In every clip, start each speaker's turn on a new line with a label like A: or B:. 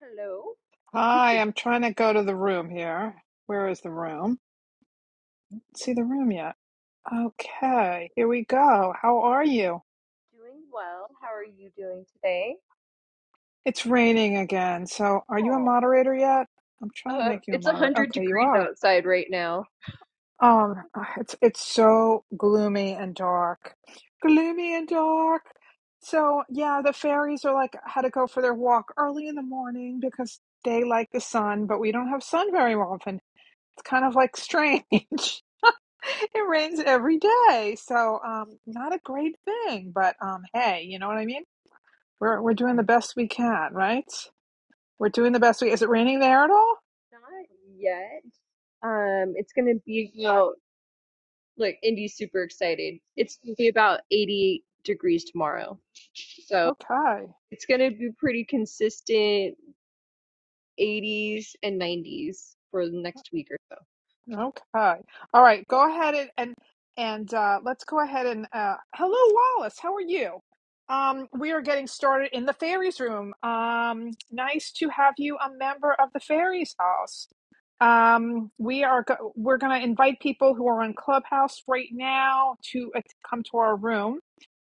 A: Hello. Good
B: Hi,
A: evening.
B: I'm trying to go to the room here. Where is the room? See the room yet? Okay, here we go. How are you?
A: Doing well. How are you doing today?
B: It's raining again. So, are you a
A: Oh,
B: moderator yet? I'm trying to
A: uh,
B: make you a
A: it's a
B: moderator.
A: hundred
B: Okay, you
A: degrees
B: are.
A: outside right now.
B: Um, ah, it's it's so gloomy and dark. Gloomy and dark. So, yeah, the fairies are like had to go for their walk early in the morning because they like the sun, but we don't have sun very often. It's kind of like strange. It rains every day, so um, not a great thing. But um, hey, you know what I mean? We're we're doing the best we can, right? We're doing the best we. Is it raining there at all?
A: Not yet. Um, it's gonna be about look, Indy's super excited. It's gonna be about eighty degrees tomorrow. So
B: Okay.
A: it's gonna be pretty consistent 80s and 90s for the next week or so.
B: Okay. All right.
A: So,
B: Go ahead and and, and uh, let's go ahead and uh, hello, Wallace. How are you? Um, we are getting started in the fairies room. Um, nice to have you, a member of the fairies house. Um, we are go- we're going to invite people who are on Clubhouse right now to uh, come to our room.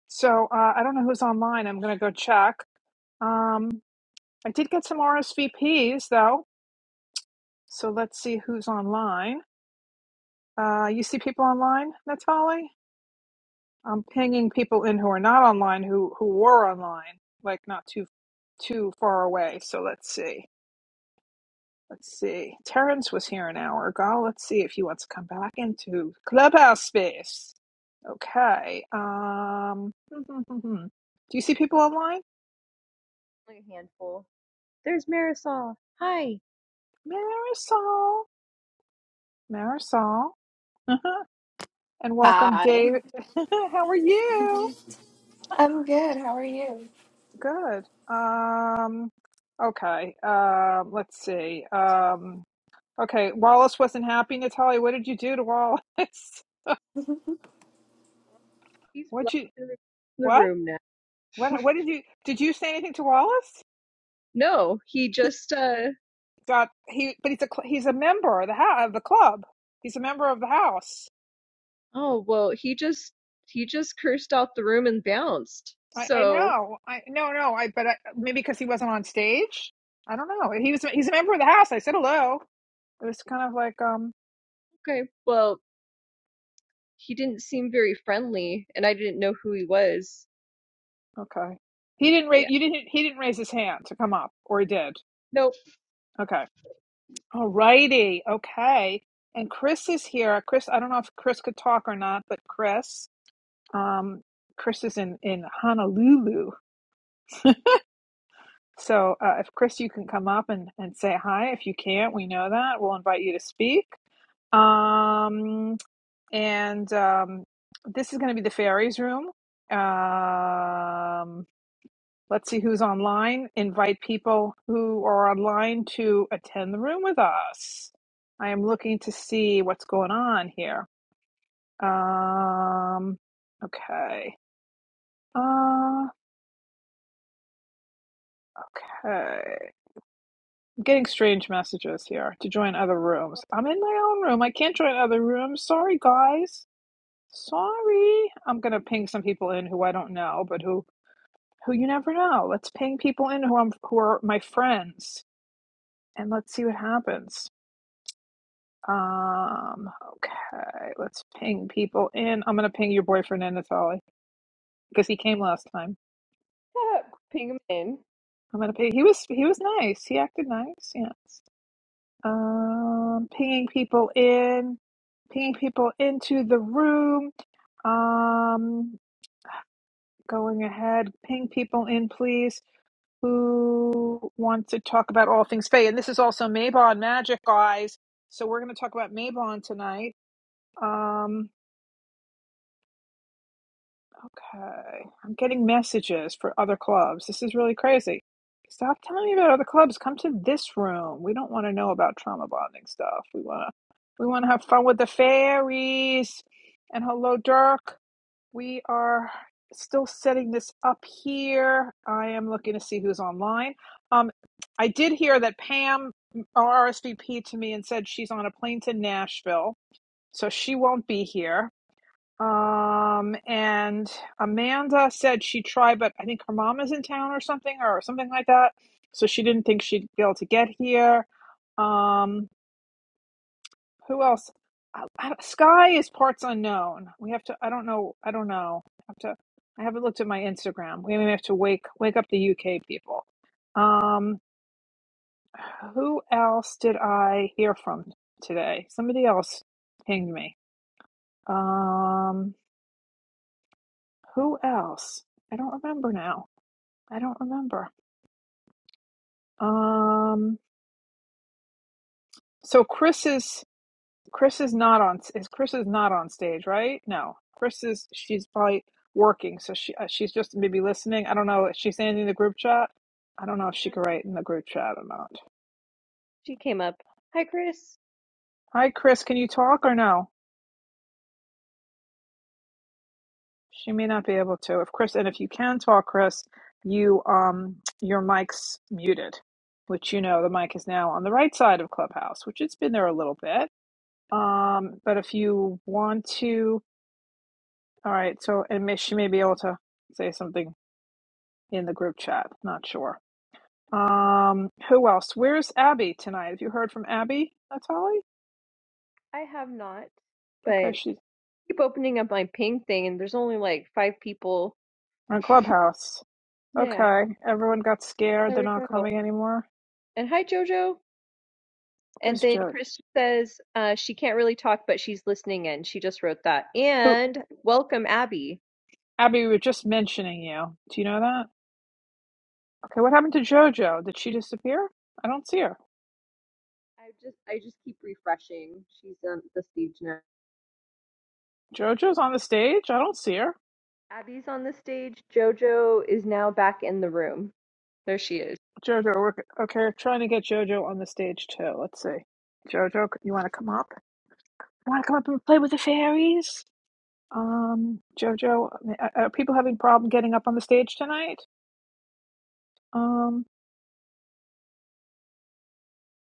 B: So uh, I don't know who's online. I'm going to go check. Um, I did get some RSVPs though, so let's see who's online. Uh, you see people online, Natali. I'm pinging people in who are not online who who were online, like not too too far away. So let's see. Let's see. Terrence was here an hour ago. Let's see if he wants to come back into clubhouse space. Okay. Um. Do you see people online?
A: Like a handful. There's Marisol. Hi.
B: Marisol. Marisol. and welcome,
C: Hi.
B: Dave. How are you?
C: I'm good. How are you?
B: Good. Um, okay. Um, let's see. Um, okay. Wallace wasn't happy, Natalia. What did you do to Wallace?
A: He's
B: What'd
A: blocked
B: you,
A: in the the
B: what?
A: room now.
B: What, what did you, did you say anything to Wallace?
A: No, he
B: He
A: just uh
B: got, he, but he's a, cl- he's a member of the house, of the club. He's a member of the house.
A: oh well he just he just cursed out the room and bounced.
B: I, I
A: So
B: know. I, no, no. I, but I, maybe because he wasn't on stage. I don't know. He was, he's a member of the house. I said hello. It was kind of like, um,
A: okay, well he didn't seem very friendly and I didn't know who he was.
B: Okay. He didn't raise
A: Yeah.
B: you didn't he didn't raise his hand to come up, or he did.
A: Nope.
B: Okay. All righty. Okay. And Chris is here. Chris, I don't know if Chris could talk or not, but Chris, um, Chris is in in Honolulu. So uh, if Chris, you can come up and and say hi. If you can't, we know that we'll invite you to speak. Um, and um, this is going to be the fairies room. Um, Let's see who's online. Invite people who are online to attend the room with us. I am looking to see what's going on here. Um, okay. Uh, okay. I'm getting strange messages here to join other rooms. I'm in my own room. I can't join other rooms. Sorry, guys. Sorry. I'm gonna ping some people in who I don't know, but who who you never know. Let's ping people in who I'm who are my friends, and let's see what happens. Um, okay, let's ping people in. I'm gonna ping your boyfriend in, Natali, because he came last time.
A: Shut ping him in.
B: I'm gonna ping. He was he was nice. He acted nice. Yes. Um, pinging people in, pinging people into the room. Um, going ahead, ping people in, please, who want to talk about all things Faye. And this is also Maybon Magic, guys. So we're gonna talk about Maybon tonight. Um. Okay. I'm getting messages for other clubs. This is really crazy. Stop telling me about other clubs. Come to this room. We don't want to know about trauma bonding stuff. We want to we want to have fun with the fairies. And hello Dirk. We are still setting this up here. I am looking to see who's online. Um I did hear that Pam RSVP'd to me and said she's on a plane to Nashville, so she won't be here. Um, and Amanda said she tried, but I think her mom is in town or something or something like that. So she didn't think she'd be able to get here. Um, who else? I, I, Sky is parts unknown. We have to. I don't know. I don't know. I have to. I haven't looked at my Instagram. We may have to wake wake up the UK people. Um, who else did I hear from today? Somebody else pinged me. Um, who else? I don't remember now. I don't remember. Um, so Chris is Chris is not on is Chris is not on stage, right? No, Chris is she's probably working, so she uh, she's just maybe listening. I don't know. Is she saying anything in the group chat? I don't know if she
A: Um,
B: could write in the group chat or not.
A: she came up. Hi, Chris.
B: Hi, Chris. Can you talk or no? She may not be able to. If Chris and if you can talk, Chris, you um your mic's muted, which you know the mic is now on the right side of Clubhouse, which it's been there a little bit. Um, but if you want to All right, so and may, she may be able to say something in the group chat. Not sure. Um, who else? Where's Abby tonight? Have you heard from Abby, Natalie?
A: I have not,
B: Okay,
A: but
B: she's
A: keep opening up my ping thing, and there's only like five people.
B: on Clubhouse.
A: Yeah,
B: Okay, everyone got scared.
A: there
B: They're
A: we
B: not
A: go.
B: coming anymore.
A: And hi, JoJo. And
B: Where's
A: then
B: Jojo?
A: Chris says uh, she can't really talk, but she's listening in. She just wrote that.
B: Who?
A: And welcome, Abby.
B: Abby, we were just mentioning you. Do you know that? Okay, what happened to Jojo? Did she disappear? I don't see her.
A: I just I just keep refreshing. She's on the stage now.
B: Jojo's on the stage. I don't see her.
A: Abby's on the stage. Jojo is now back in the room. There she is.
B: Jojo, we're okay. Trying to get Jojo on the stage too. Let's see. Jojo, you want to come up? want to come up and play with the fairies? Um, Jojo, are are people having problem getting up on the stage tonight? Um,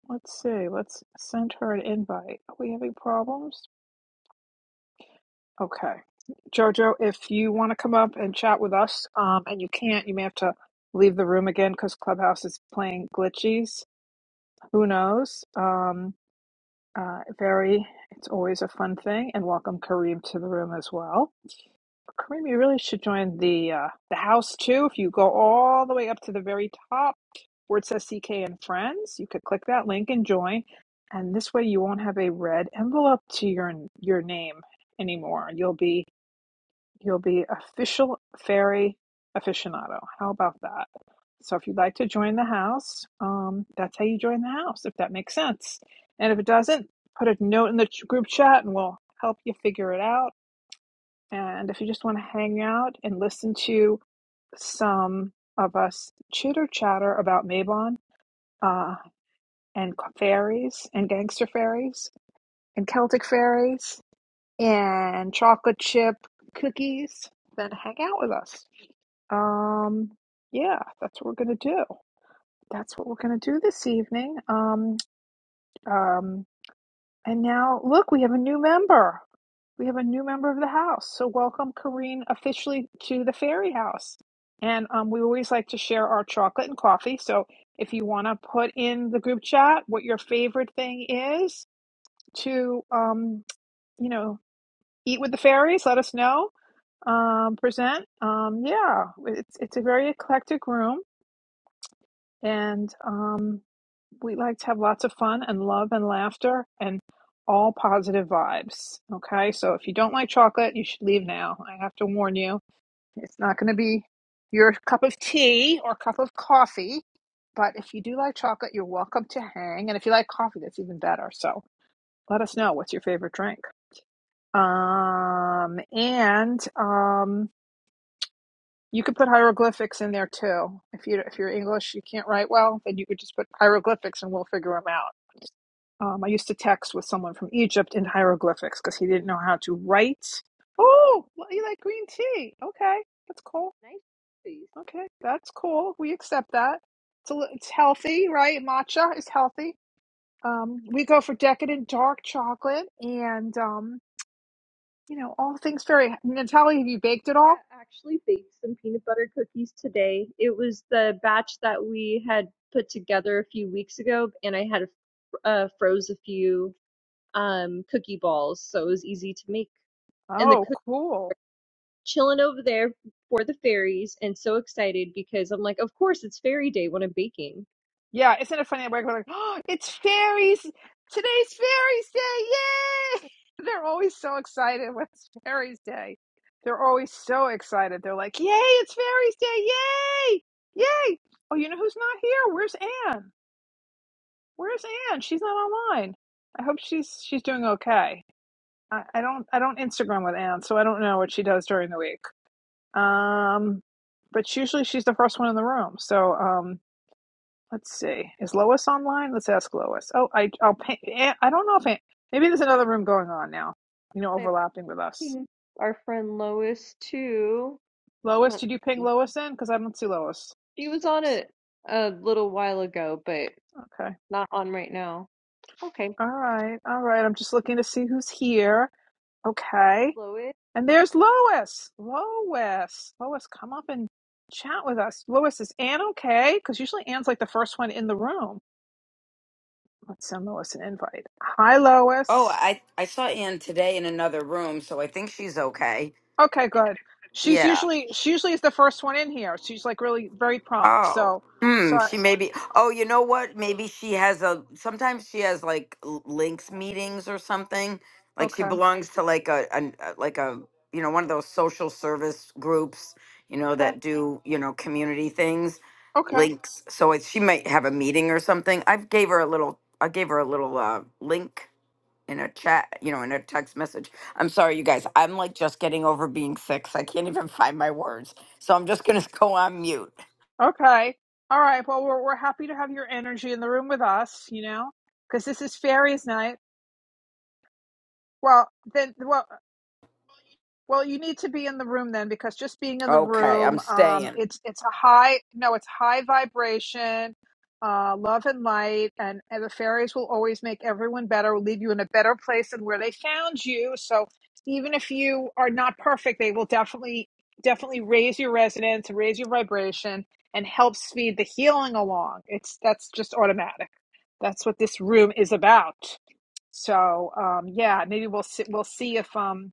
B: let's see. Let's send her an invite. Are we having problems? Okay. Jojo, if you want to come up and chat with us, um, and you can't, you may have to leave the room again because Clubhouse is playing glitchies. Who knows? Um, uh, very, it's always a fun thing. And welcome Kareem to the room as well. Kareem, you really should join the uh, the house too. If you go all the way up to the very top where it says CK and Friends, you could click that link and join. And this way, you won't have a red envelope to your your name anymore. You'll be you'll be official fairy aficionado. How about that? So if you'd like to join the house, um, that's how you join the house. If that makes sense, and if it doesn't, put a note in the ch- group chat, and we'll help you figure it out and if you just want to hang out and listen to some of us chitter chatter about Mabon uh, and fairies and gangster fairies and Celtic fairies and chocolate chip cookies, then hang out with us. Um, yeah, that's what we're going to do. That's what we're going to do this evening. Um, um, And now, look, we have a new member. We have a new member of the house. So, welcome, Kareen, officially to the Fairy House. And um, we always like to share our chocolate and coffee. So, if you want to put in the group chat what your favorite thing is to, um, you know, eat with the fairies, let us know. Um, present. Um, yeah, it's it's a very eclectic room, and um, we like to have lots of fun and love and laughter and all positive vibes. Okay, so if you don't like chocolate, you should leave now. I have to warn you, it's not going to be your cup of tea or cup of coffee. But if you do like chocolate, you're welcome to hang. And if you like coffee, that's even better. So let us know what's your favorite drink. Um, and um, you could put hieroglyphics in there too. If you if you're English, you can't write well, then you could just put hieroglyphics and we'll figure them out. Um, I used to text with someone from Egypt in hieroglyphics because he didn't know how to write. Oh, well, you like green tea? Okay, that's cool.
A: Nice face.
B: Okay, that's cool. We accept that. It's a, li- it's healthy, right? Matcha is healthy. Um, we go for decadent dark chocolate and um, you know all things very. Natalie, have you baked it all?
A: I actually baked some peanut butter cookies today. It was the batch that we had put together a few weeks ago, and I had uh, froze a few um, cookie balls, so it was easy to make. And the
B: Oh,
A: cookies
B: cool.
A: chilling over there for the fairies and so excited because I'm like, of course it's fairy day when I'm baking.
B: Yeah, isn't it funny? We're like, oh, it's fairies. Today's fairies day. Yay! They're always so excited when it's fairies day. They're always so excited. They're like, yay, it's fairies day. Yay! Yay! Oh, you know who's not here? Where's Anne? Where's Anne? She's not online. I hope she's she's doing okay. I, I don't I don't Instagram with Anne, so I don't know what she does during the week. Um, but usually she's the first one in the room. So um, Let's see. Is Lois online? Let's ask Lois. Oh, I, I'll pay. eh, I don't know if I, maybe there's another room going on now. You know,
A: I
B: overlapping with us.
A: think our friend Lois too.
B: Lois,
A: Let's
B: did you ping
A: see.
B: Lois in? Because I don't see Lois.
A: She was on it a little while ago, but
B: Okay.
A: not on right now. Okay,
B: All right. All right. I'm just looking to see who's here. Okay.
A: Lois,
B: And there's Lois. Lois. Lois, come up and chat with us. Lois, is Anne okay? Because usually Anne's like the first one in the room. Let's send Lois an invite. Hi,
D: Oh,
B: Lois.
D: I I saw Ann today in another room, so I think she's okay.
B: Okay, good. She's
D: Yeah.
B: usually she usually is the first one in here. She's like really very prompt.
D: Oh.
B: So
D: Hmm.
B: sorry.
D: She maybe. Oh, you know what? Maybe she has a. Sometimes she has like l- links meetings or something. Like she
B: Okay.
D: belongs to like a, an- a like a you know one of those social service groups you know
B: Okay.
D: that do you know community things
B: Okay.
D: links so it, she might have a meeting or something i gave her a little i gave her a little uh, link in a chat, you know, in a text message. I'm sorry, you guys. I'm like just getting over being sick. So I can't even find my words. So I'm just going to go on mute.
B: Okay. All right. Well, we're we're happy to have your energy in the room with us. You know, because this is fairies night. Well, then. Well, Well, you need to be in the room then because just being in the
D: Okay, I'm
B: room, um,
D: staying.
B: it's it's a high no, it's high vibration, uh, love and light, and, and the fairies will always make everyone better, will leave you in a better place than where they found you. So even if you are not perfect, they will definitely definitely raise your resonance, raise your vibration, and help speed the healing along. It's that's just automatic. That's what this room is about. So um, yeah, maybe we'll see, we'll see if um,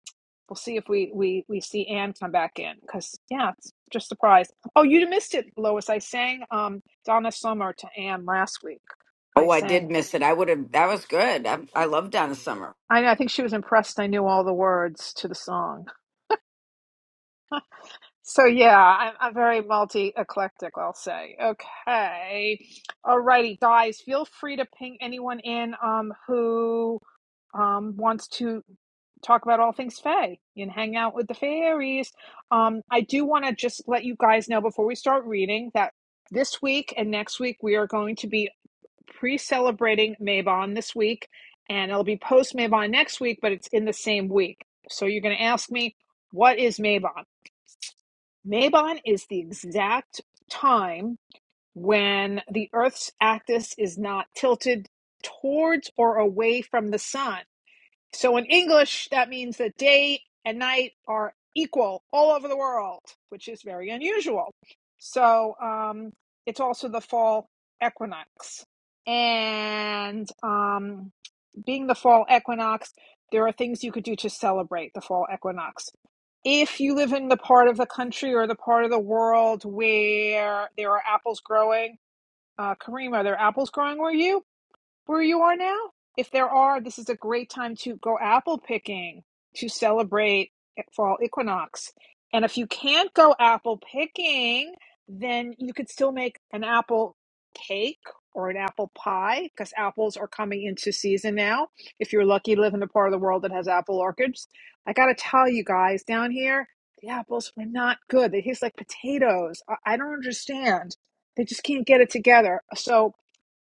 B: we'll see if we we we see Anne come back in because yeah, it's just surprised. Oh, you missed it, Lois. I sang um, Donna Summer to Anne last week. I
D: Oh, I did
B: sang.
D: miss it. I would have, that was good. I, I love Donna Summer.
B: I I think she was impressed. I knew all the words to the song. So yeah, I'm, I'm very multi eclectic. I'll say. Okay, alrighty, guys. Feel free to ping anyone in um who um, wants to talk about all things Fae and hang out with the fairies. Um, I do want to just let you guys know before we start reading that this week and next week we are going to be pre-celebrating Mabon this week, and it'll be post Mabon next week, but it's in the same week. So you're going to ask me, what is Mabon? Mabon is the exact time when the Earth's axis is not tilted towards or away from the sun. So in English, that means that day and night are equal all over the world, which is very unusual. So um, it's also the fall equinox. And um, being the fall equinox, there are things you could do to celebrate the fall equinox. If you live in the part of the country or the part of the world where there are apples growing, uh, Kareem, are there apples growing where you? where you are now? If there are, this is a great time to go apple picking to celebrate e, fall equinox. And if you can't go apple picking, then you could still make an apple cake or an apple pie because apples are coming into season now. If you're lucky, live in the part of the world that has apple orchards. I got to tell you guys, down here, the apples were not good. They taste like potatoes. I, I don't understand. They just can't get it together. So,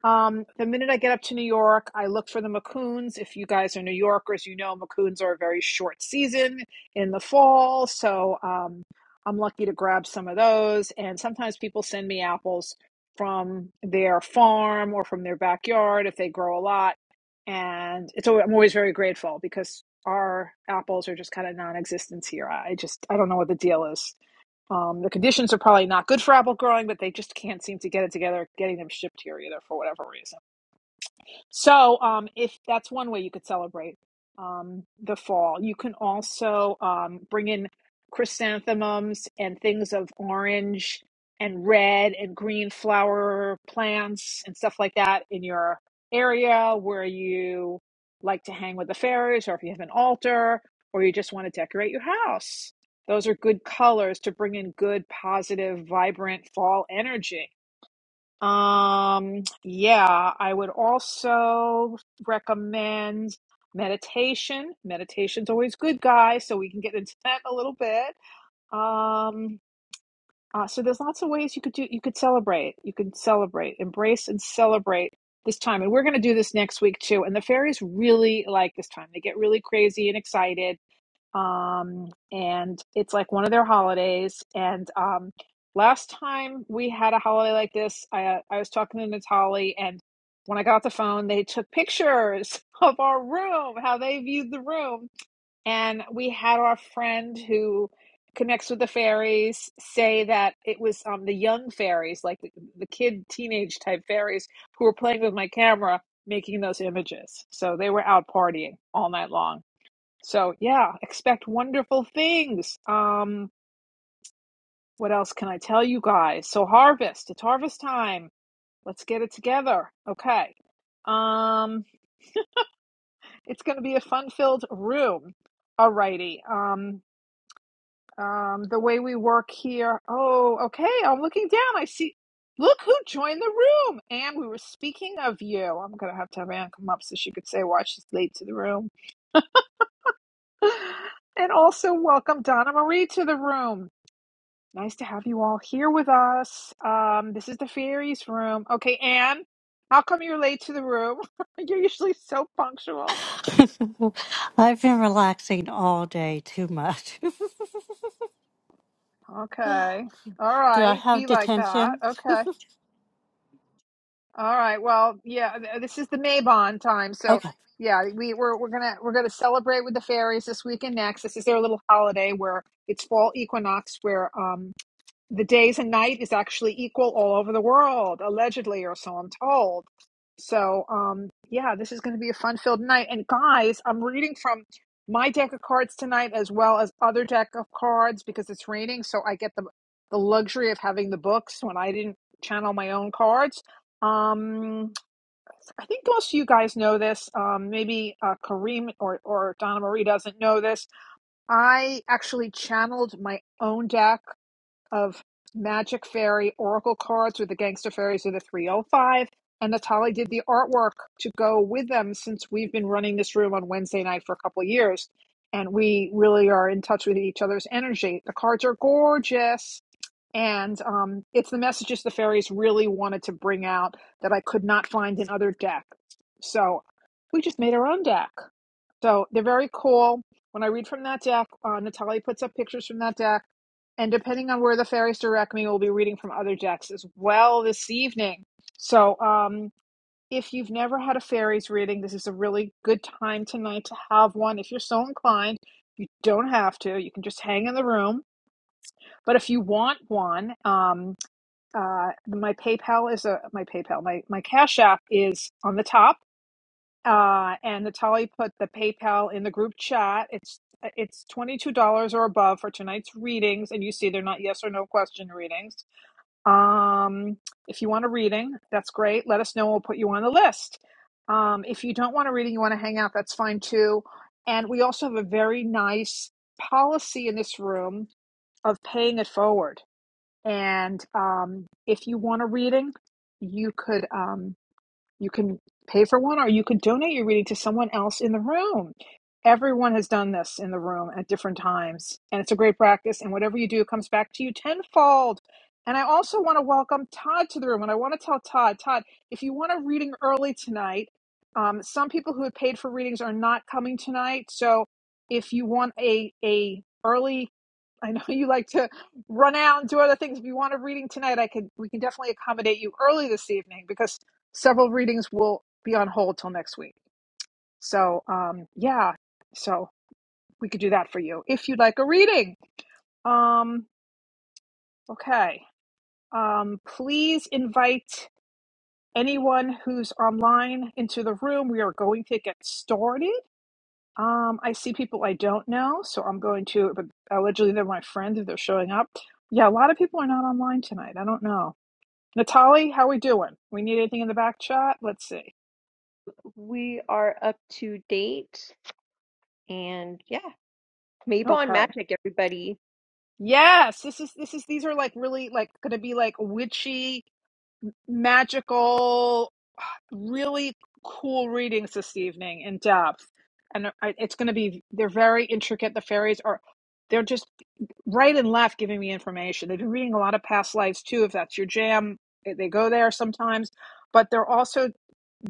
B: um, the minute I get up to New York, I look for the Macoons. If you guys are New Yorkers, you know Macoons are a very short season in the fall. So um, I'm lucky to grab some of those. And sometimes people send me apples from their farm or from their backyard if they grow a lot. And it's always, I'm always very grateful because our apples are just kind of non-existent here. I just I don't know what the deal is. Um, the conditions are probably not good for apple growing, but they just can't seem to get it together, getting them shipped here either for whatever reason. So, um, if that's one way you could celebrate um, the fall, you can also um, bring in chrysanthemums and things of orange and red and green flower plants and stuff like that in your area where you like to hang with the fairies, or if you have an altar, or you just want to decorate your house. Those are good colors to bring in good, positive, vibrant fall energy um, yeah, I would also recommend meditation. Meditation's always good, guys, so we can get into that a little bit. Um, uh, so there's lots of ways you could do, you could celebrate, you could celebrate, embrace and celebrate this time. And we're going to do this next week too. And the fairies really like this time. They get really crazy and excited um, and it's like one of their holidays. And um, last time we had a holiday like this, I uh, I was talking to Natalie, and when I got the phone, they took pictures of our room, how they viewed the room, and we had our friend who connects with the fairies say that it was um, the young fairies, like the, the kid teenage type fairies, who were playing with my camera. Making those images. So they were out partying all night long so yeah, expect wonderful things. Um, what else can I tell you guys? So harvest, it's harvest time. Let's get it together. Okay. Um, it's going to be a fun-filled room. Alrighty. Um, um, the way we work here. Oh, okay. I'm looking down. I see. Look who joined the room. And we were speaking of you. I'm going to have to have Anne come up so she could say why she's late to the room. and also welcome Donna Marie to the room. Nice to have you all here with us. Um, this is the fairies room. Okay, Anne, how come you're late to the room? you're usually so punctual.
E: I've been relaxing all day too much.
B: Okay. All
E: Do I
B: right. Be
E: have
B: like that.
E: detention?
B: Okay. All right. Well, yeah. th- uh, This is the Maybon time, so
E: Okay.
B: yeah, we we're we're gonna we're gonna celebrate with the fairies this week and next. This is their little holiday where it's fall equinox, where um the days and night is actually equal all over the world, allegedly, or so I'm told. So, um, yeah, this is going to be a fun filled night. And guys, I'm reading from my deck of cards tonight as well as other deck of cards because it's raining. So I get the, the luxury of having the books when I didn't channel my own cards. Um, I think most of you guys know this. Um, maybe uh, Kareem or, or Donna Marie doesn't know this. I actually channeled my own deck of Magic Fairy Oracle cards with the Gangster Fairies of the 305. And Natali did the artwork to go with them since we've been running this room on Wednesday night for a couple of years. And we really are in touch with each other's energy. The cards are gorgeous. And um, it's the messages the fairies really wanted to bring out that I could not find in other decks. So we just made our own deck. So they're very cool. When I read from that deck, uh, Natalia puts up pictures from that deck. And depending on where the fairies direct me, we'll be reading from other decks as well this evening. So um, if you've never had a fairies reading, this is a really good time tonight to have one. If you're so inclined, you don't have to. You can just hang in the room. But if you want one, um, uh, my PayPal is a my PayPal. My my Cash App is on the top uh, and Natalie put the PayPal in the group chat. It's it's twenty two dollars or above for tonight's readings, and you see they're not yes or no question readings. Um, if you want a reading, that's great. Let us know. We'll put you on the list. Um, if you don't want a reading, you want to hang out, that's fine too. And we also have a very nice policy in this room of paying it forward. And um, if you want a reading, you could. Um, you can pay for one or you could donate your reading to someone else in the room. Everyone has done this in the room at different times, and it's a great practice. And whatever you do comes back to you tenfold. And I also want to welcome Todd to the room. And I want to tell Todd, Todd, if you want a reading early tonight, um, some people who have paid for readings are not coming tonight. So if you want a a early, I know you like to run out and do other things. If you want a reading tonight, I could we can definitely accommodate you early this evening because several readings will be on hold till next week. So, um, yeah, so we could do that for you if you'd like a reading. Um, okay. Um, please invite anyone who's online into the room. We are going to get started. Um, I see people I don't know, so I'm going to, but allegedly they're my friends if they're showing up. Yeah, a lot of people are not online tonight. I don't know. Natalie, how we doing? We need anything in the back chat? Let's see.
A: we are up to date, and yeah, Maybon
B: Okay.
A: Magic, everybody.
B: Yes, this is this is these are like really like going to be like witchy, magical, really cool readings this evening in depth, and I, it's going to be they're very intricate. The fairies are they're just right and left giving me information. They've been reading a lot of past lives too, if that's your jam. They they go there sometimes, but they're also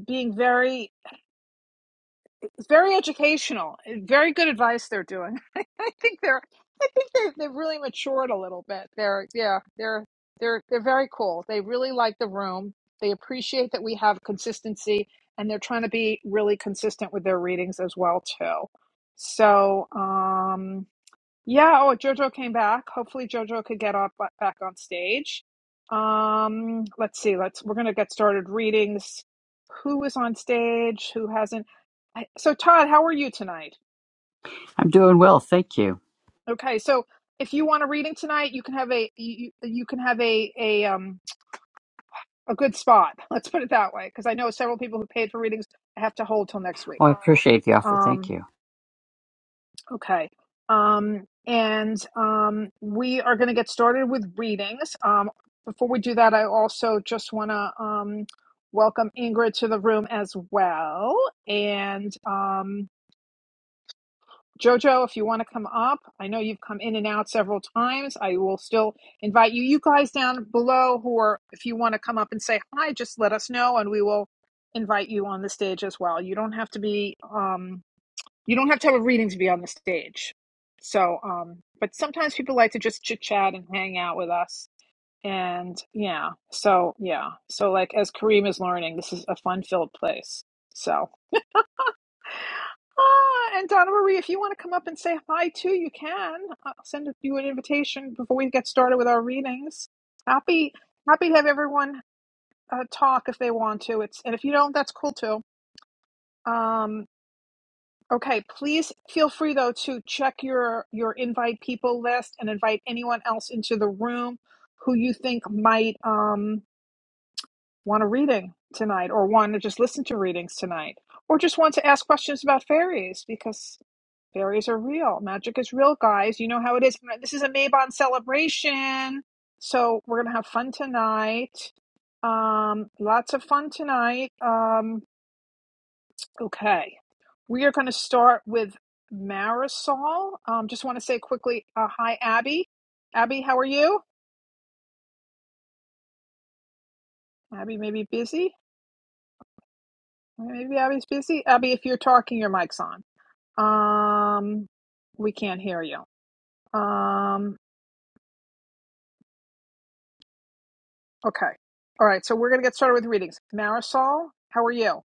B: being very It's very educational. eh, Very good advice they're doing. I think they're I think they're they've really matured a little bit. They're yeah, they're they're they're very cool. They really like the room. They appreciate that we have consistency and they're trying to be really consistent with their readings as well too. So, um yeah, oh, JoJo came back. Hopefully JoJo could get up uh, back on stage. Um, let's see. Let's we're gonna get started readings. Who is on stage? Who hasn't? I, so Todd, how are you tonight?
F: I'm doing well, thank you.
B: Okay, so if you want a reading tonight, you can have a you, you can have a a um a good spot. Let's put it that way, because I know several people who paid for readings have to hold till next week.
F: Oh, I appreciate the offer,
B: Um.
F: thank you.
B: Okay. Um, and um, we are going to get started with readings. Um, before we do that, I also just want to um, welcome Ingrid to the room as well. And um, Jojo, if you want to come up, I know you've come in and out several times. I will still invite you. You guys down below who are, if you want to come up and say hi, just let us know and we will invite you on the stage as well. You don't have to be. Um, you don't have to have a reading to be on the stage. So, um, but sometimes people like to just chit chat and hang out with us. And yeah, so yeah, so like as Kareem is learning, this is a fun filled place. So, ah, and Donna Marie, if you want to come up and say hi too, you can. I'll send you an invitation before we get started with our readings. Happy, happy to have everyone uh, talk if they want to. It's and if you don't, that's cool too. Um, Okay, please feel free though to check your your invite people list and invite anyone else into the room who you think might um, want a reading tonight or want to just listen to readings tonight or just want to ask questions about fairies because fairies are real. Magic is real, guys. You know how it is. This is a Maybon celebration. So we're going to have fun tonight. Um, lots of fun tonight. Um, Okay. We are going to start with Marisol. Um, just want to say quickly, uh, hi, Abby. Abby, how are you? Abby may be busy. Maybe Abby's busy. Abby, if you're talking, your mic's on. Um, we can't hear you. Um, okay. All right. So we're going to get started with readings. Marisol, how are you?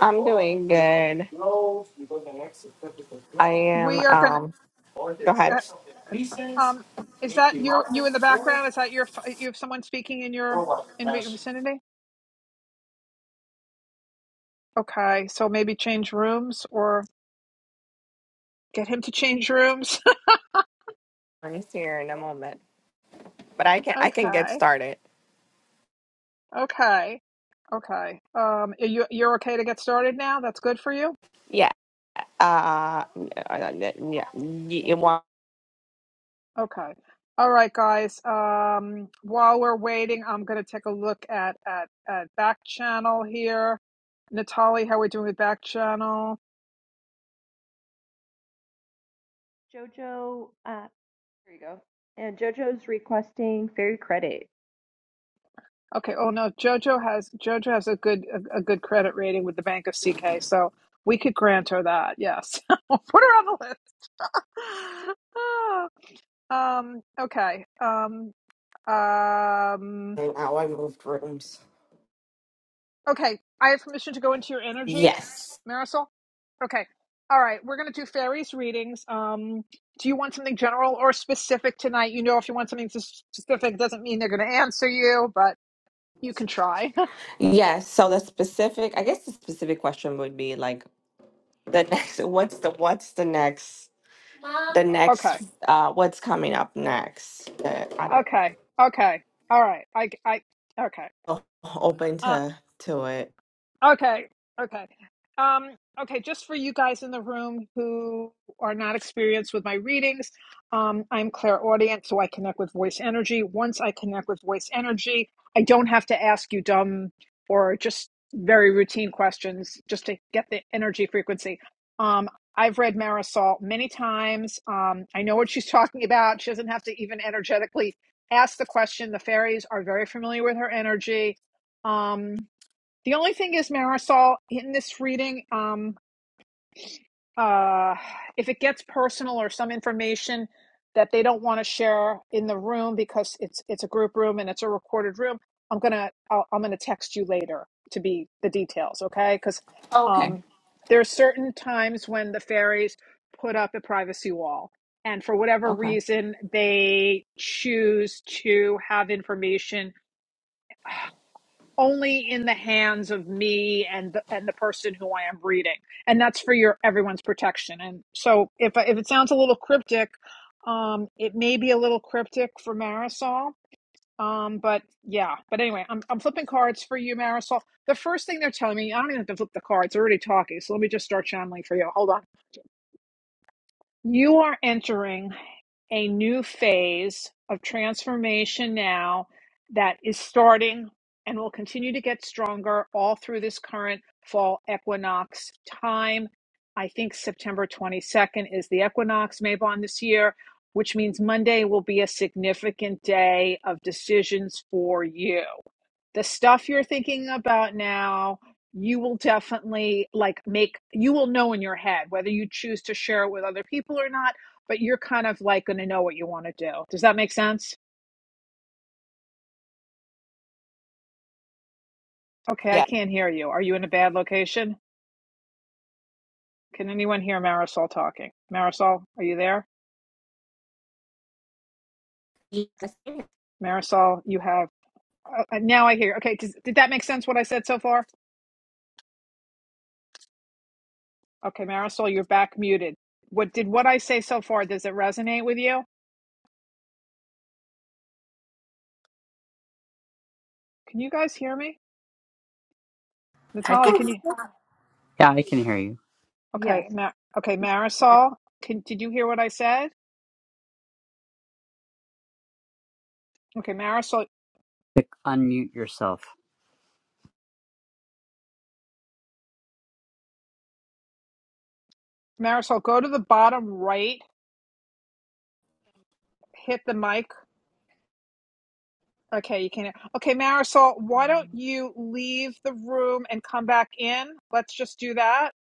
C: I'm doing good. I am
B: We are going to,
C: um go ahead.
B: uh, um, is that you? you in the background? Is that your, you have someone speaking in your, in your vicinity? Okay, so maybe change rooms or Get him to change rooms.
C: I'm here in a moment. But I can I can get
B: okay.
C: started.
B: Okay. Okay. Um, you you're okay to get started now? That's good for you?
C: Yeah. Uh yeah. You want
B: Okay. All right, guys. Um, while we're waiting, I'm gonna take a look at at at back channel here. Natalie, how are we doing with back channel?
A: Jojo, uh, there you go. And Jojo's requesting fairy credit.
B: Okay. Oh no, JoJo has JoJo has a good a, a good credit rating with the Bank of CK, so we could grant her that. Yes, we'll put her on the list. um. Okay. Um. Um, okay, I have permission to go into your energy,
C: Yes.
B: Marisol. Okay, all right, we're gonna do fairies readings. Um, do you want something general or specific tonight? You know, if you want something s- specific, doesn't mean they're gonna answer you, but you can try.
C: Yes. So the specific I guess the specific question would be like the next what's the what's the next the
B: okay,
C: next uh what's coming up next that i don't
B: okay, okay. All right, I, I, okay.
C: know open to to it
B: Okay, okay. Um, okay, just for you guys in the room who are not experienced with my readings, um, I'm clairaudient, so I connect with voice energy. Once I connect with voice energy, I don't have to ask you dumb or just very routine questions just to get the energy frequency. Um, I've read Marisol many times. Um, I know what she's talking about. She doesn't have to even energetically ask the question. The fairies are very familiar with her energy. Um, the only thing is, Marisol, in this reading, um, uh, if it gets personal or some information that they don't want to share in the room because it's it's a group room and it's a recorded room, I'm gonna I'll, I'm gonna text you later to be the details, okay? Because
C: Okay.
B: um, there are certain times when the fairies put up a privacy wall, and for whatever
C: okay
B: reason, they choose to have information only in the hands of me and the, and the person who I am reading, and that's for your everyone's protection. And so, if if it sounds a little cryptic, um, it may be a little cryptic for Marisol. Um, but yeah, but anyway, I'm I'm flipping cards for you, Marisol. The first thing they're telling me, I don't even have to flip the cards. They're already talking, so let me just start channeling for you. Hold on. You are entering a new phase of transformation now that is starting and will continue to get stronger all through this current fall equinox time. I think September 22nd is the equinox, Maybon, this year, which means Monday will be a significant day of decisions for you the stuff you're thinking about now you will definitely like make you will know in your head whether you choose to share it with other people or not but you're kind of like going to know what you want to do does that make sense okay i
C: yeah
B: can't hear you are you in a bad location can anyone hear marisol talking marisol are you there
C: Yes. Can
B: marisol you have uh, uh, now i hear okay does, did that make sense what i said so far okay marisol you're back muted what did what i say so far does it resonate with you can you guys hear me
G: I
B: natalie
G: can.
B: can you
F: Yeah, I can hear you.
A: Yes.
B: Okay, Ma- okay,
A: it was
B: Marisol, can, did you hear what I said? Okay, Marisol,
F: Click Unmute yourself.
B: Marisol, go to the bottom right, hit the mic. Okay, you can. Okay, Marisol, why don't you leave the room and come back in? Let's just do that.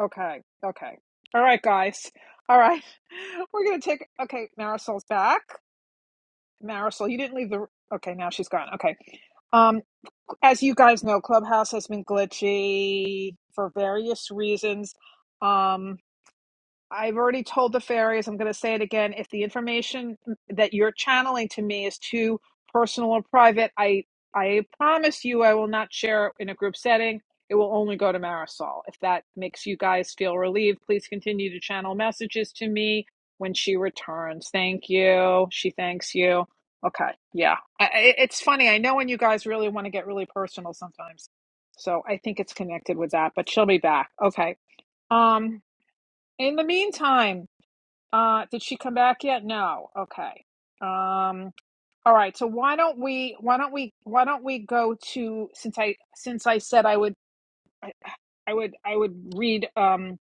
B: Okay, okay. All right, guys. All right, we're gonna take. Okay, Marisol's back. Marisol, you didn't leave the. Okay, now she's gone. Okay. Um, as you guys know, Clubhouse has been glitchy for various reasons. Um, I've already told the fairies, I'm going to say it again. If the information that you're channeling to me is too personal or private, I I promise you I will not share it in a group setting. It will only go to Marisol. If that makes you guys feel relieved, please continue to channel messages to me when she returns. Thank you. She thanks you. Okay. Yeah. I, I- it's funny. I know when you guys really want to get really personal sometimes. So I think it's connected with that, but she'll be back. Okay. Um in the meantime, uh, did she come back yet? No. Okay. Um, all right. So why don't we why don't we why don't we go to since I since I said I would I would I would read um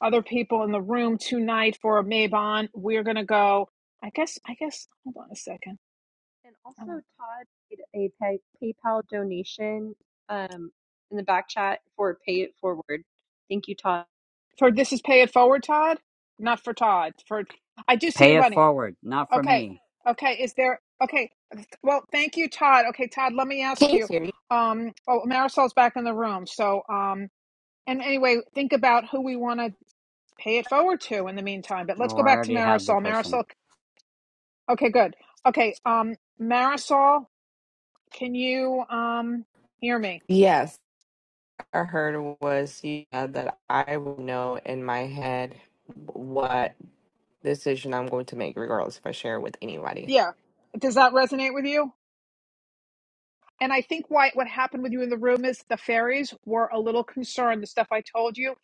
B: other people in the room tonight for Maybon. We're gonna go. I guess I guess hold on a second.
A: And also,
B: Oh.
A: Todd made a pay, PayPal donation um, in the back chat for Pay It Forward. Thank you, Todd.
B: For this is pay it forward, Todd. Not for Todd. For I do see you
F: Pay it
B: running.
F: forward, not for
B: Okay.
F: me.
B: Okay. Is there okay? Well, thank you, Todd. Okay, Todd, let me ask
C: you
B: you.
C: hear me?
B: Um, oh, Marisol's back in the room. So, um, and anyway, think about who we want to pay it forward to in the meantime. But let's go
F: Or I
B: back to
F: already have the
B: Marisol.
F: person.
B: Marisol. Okay, good. Okay. Um, Marisol, can you um hear me?
C: yes i heard was yeah that i would know in my head what decision i'm going to make regardless if i share it with anybody
B: Yeah. Does that resonate with you? And I think why what happened with you in the room is the fairies were a little concerned. The stuff I told you,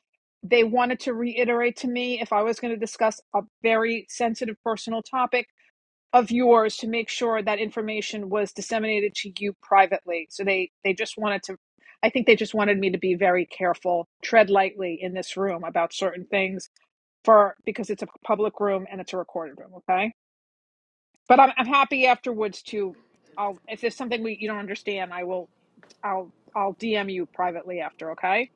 B: they wanted to reiterate to me if I was going to discuss a very sensitive personal topic of yours to make sure that information was disseminated to you privately. So they they just wanted to I think they just wanted me to be very careful, tread lightly in this room about certain things for because it's a public room and it's a recorded room, okay? But I'm I'm happy afterwards to I'll if there's something we you don't understand, I will I'll I'll DM you privately after, okay?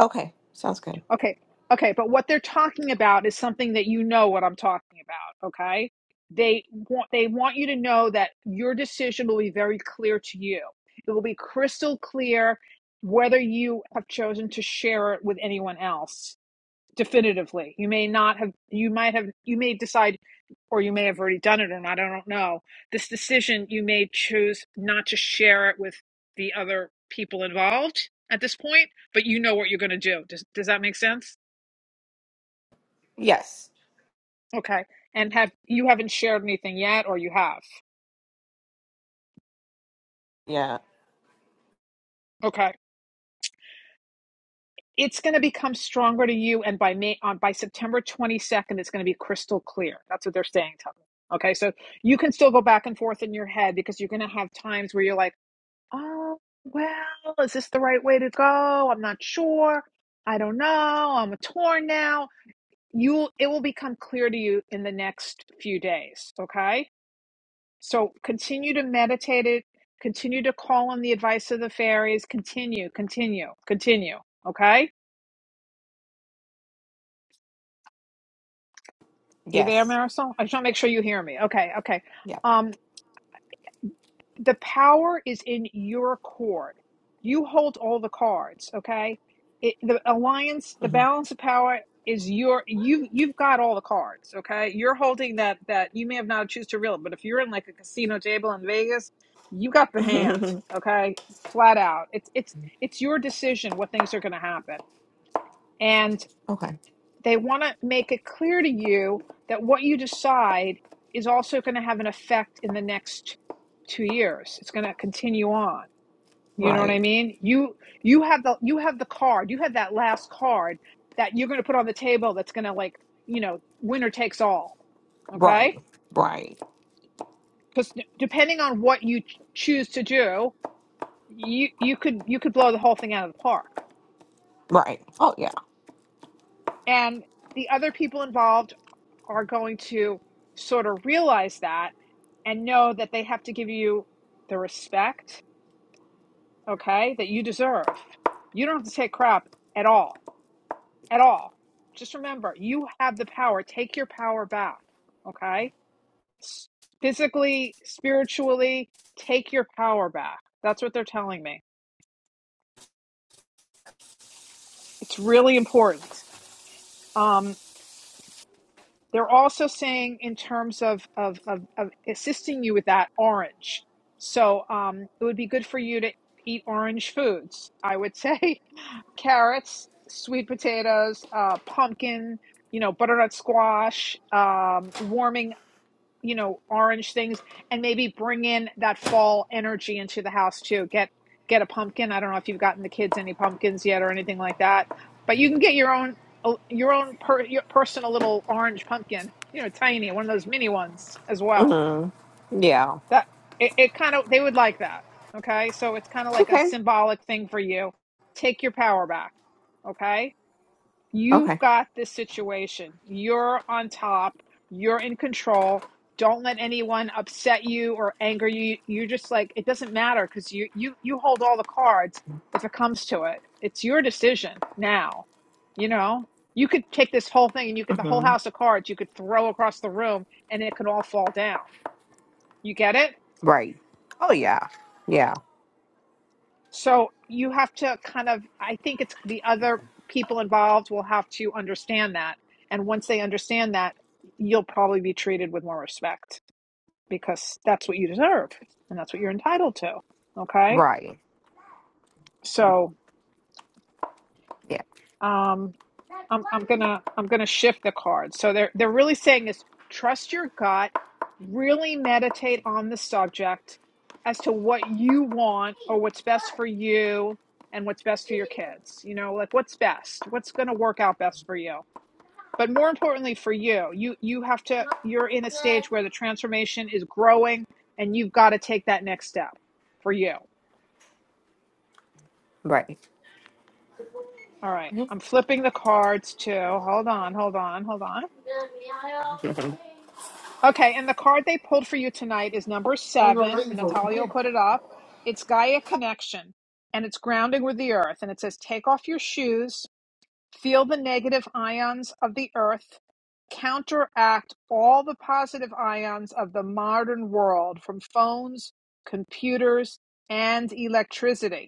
C: okay sounds good
B: Okay. Okay, but what they're talking about is something that you know what I'm talking about, okay? They want they want you to know that your decision will be very clear to you. It will be crystal clear whether you have chosen to share it with anyone else definitively. You may not have, you might have, you may decide, or you may have already done it, and I don't know. This decision, you may choose not to share it with the other people involved at this point, but you know what you're going to do. Does, does that make sense?
C: yes
B: Okay. And have you haven't shared anything yet, or you have?
C: yeah
B: Okay. It's going to become stronger to you, and by May, on by September 22nd, it's going to be crystal clear. That's what they're saying to me. Okay, so you can still go back and forth in your head because you're going to have times where you're like Oh, well, is this the right way to go? I'm not sure. I don't know. I'm torn now. You'll it will become clear to you in the next few days, okay? So continue to meditate it, continue to call on the advice of the fairies, continue, continue, continue, okay? You there,
C: yes
B: Marisol? I just want to make sure you hear me. Okay, okay.
C: yeah
B: um. the power is in your court. You hold all the cards, okay? It, the alliance, the
C: Mm-hmm.
B: balance of power is your you you've got all the cards, okay? You're holding that that you may have not choose to reel, it, but if you're in like a casino table in Vegas, you got the hand,
C: okay.
B: okay? Flat out. It's it's it's your decision what things are going to happen. and they want to make it clear to you that what you decide is also going to have an effect in the next two years it's going to continue on you know what i
C: Right.
B: mean you you have the you have the card you have that last card that you're going to put on the table that's going to like you know winner takes all
C: Right.
B: okay
C: Right.
B: because depending on what you choose to do you you could you could blow the whole thing out of the park
C: Right. Oh yeah.
B: and the other people involved are going to sort of realize that and know that they have to give you the respect, okay, that you deserve. You don't have to take crap at all, at all. Just remember, you have the power. Take your power back, okay? Physically, spiritually, take your power back. That's what they're telling me. It's really important. Um, They're also saying in terms of of of, of assisting you with that orange. So um, it would be good for you to eat orange foods. I would say carrots, sweet potatoes, uh, pumpkin. You know, butternut squash, um, warming you know, orange things and maybe bring in that fall energy into the house too. Get get a pumpkin. I don't know if you've gotten the kids any pumpkins yet or anything like that, but you can get your own uh, your own per, your personal little orange pumpkin, you know, tiny, one of those mini ones as well.
C: hmm Yeah.
B: That it, it kind of they would like that. Okay? So it's kind of like a
C: Okay.
B: symbolic thing for you. Take your power back. Okay? You've
C: Okay.
B: got this situation. You're on top. You're in control. Don't let anyone upset you or anger you. You're just like it doesn't matter because you you you hold all the cards. If it comes to it, it's your decision now. You know you could take this whole thing and you could the whole
C: hmm
B: house of cards you could throw across the room and it could all fall down. You get it?
C: Right. Oh yeah. Yeah.
B: So you have to kind of, I think it's the other people involved will have to understand that. And once they understand that, you'll probably be treated with more respect because that's what you deserve and that's what you're entitled to. Okay.
C: Right.
B: So,
C: Yeah.
B: um, I'm I'm gonna I'm gonna shift the card. So they're they're really saying is trust your gut, really meditate on the subject as to what you want or what's best for you and what's best for your kids. You know, like what's best, what's gonna work out best for you. But more importantly for you, you you have to you're in a stage where the transformation is growing and you've got to take that next step for you.
C: Right.
B: All right. I'm flipping the cards to hold on, hold on, hold on. Okay, and the card they pulled for you tonight is number seven. Natalia will put it up. It's Gaia Connection, and it's grounding with the earth. And it says, Take off your shoes, feel the negative ions of the earth, counteract all the positive ions of the modern world from phones, computers, and electricity.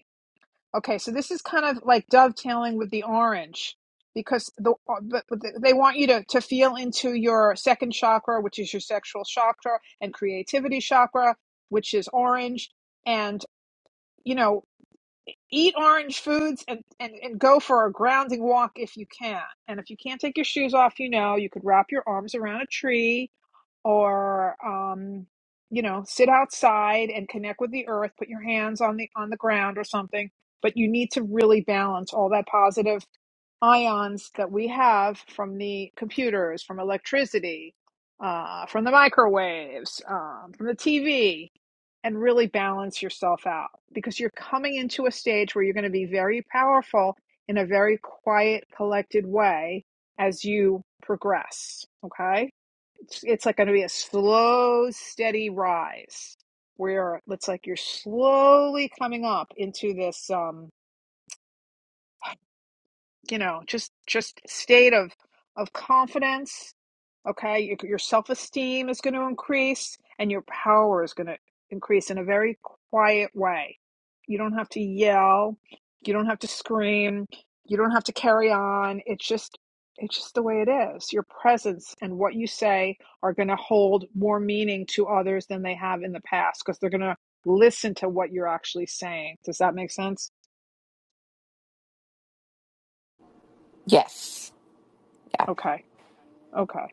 B: Okay, so this is kind of like dovetailing with the orange because the uh, but but they want you to to feel into your second chakra, which is your sexual chakra and creativity chakra, which is orange, and you know, eat orange foods and and and go for a grounding walk if you can. And if you can't take your shoes off, you know, you could wrap your arms around a tree or um, you know sit outside and connect with the earth put your hands on the on the ground or something but you need to really balance all that positive ions that we have from the computers from electricity uh, from the microwaves um, from the tv and really balance yourself out because you're coming into a stage where you're going to be very powerful in a very quiet, collected way as you progress. Okay. It's, it's like going to be a slow, steady rise where it's like you're slowly coming up into this, um, you know, just, just state of, of confidence okay your, your self-esteem is going to increase and your power is going to increase in a very quiet way you don't have to yell you don't have to scream you don't have to carry on it's just it's just the way it is your presence and what you say are going to hold more meaning to others than they have in the past because they're going to listen to what you're actually saying does that make sense
C: Yes. Yeah.
B: okay okay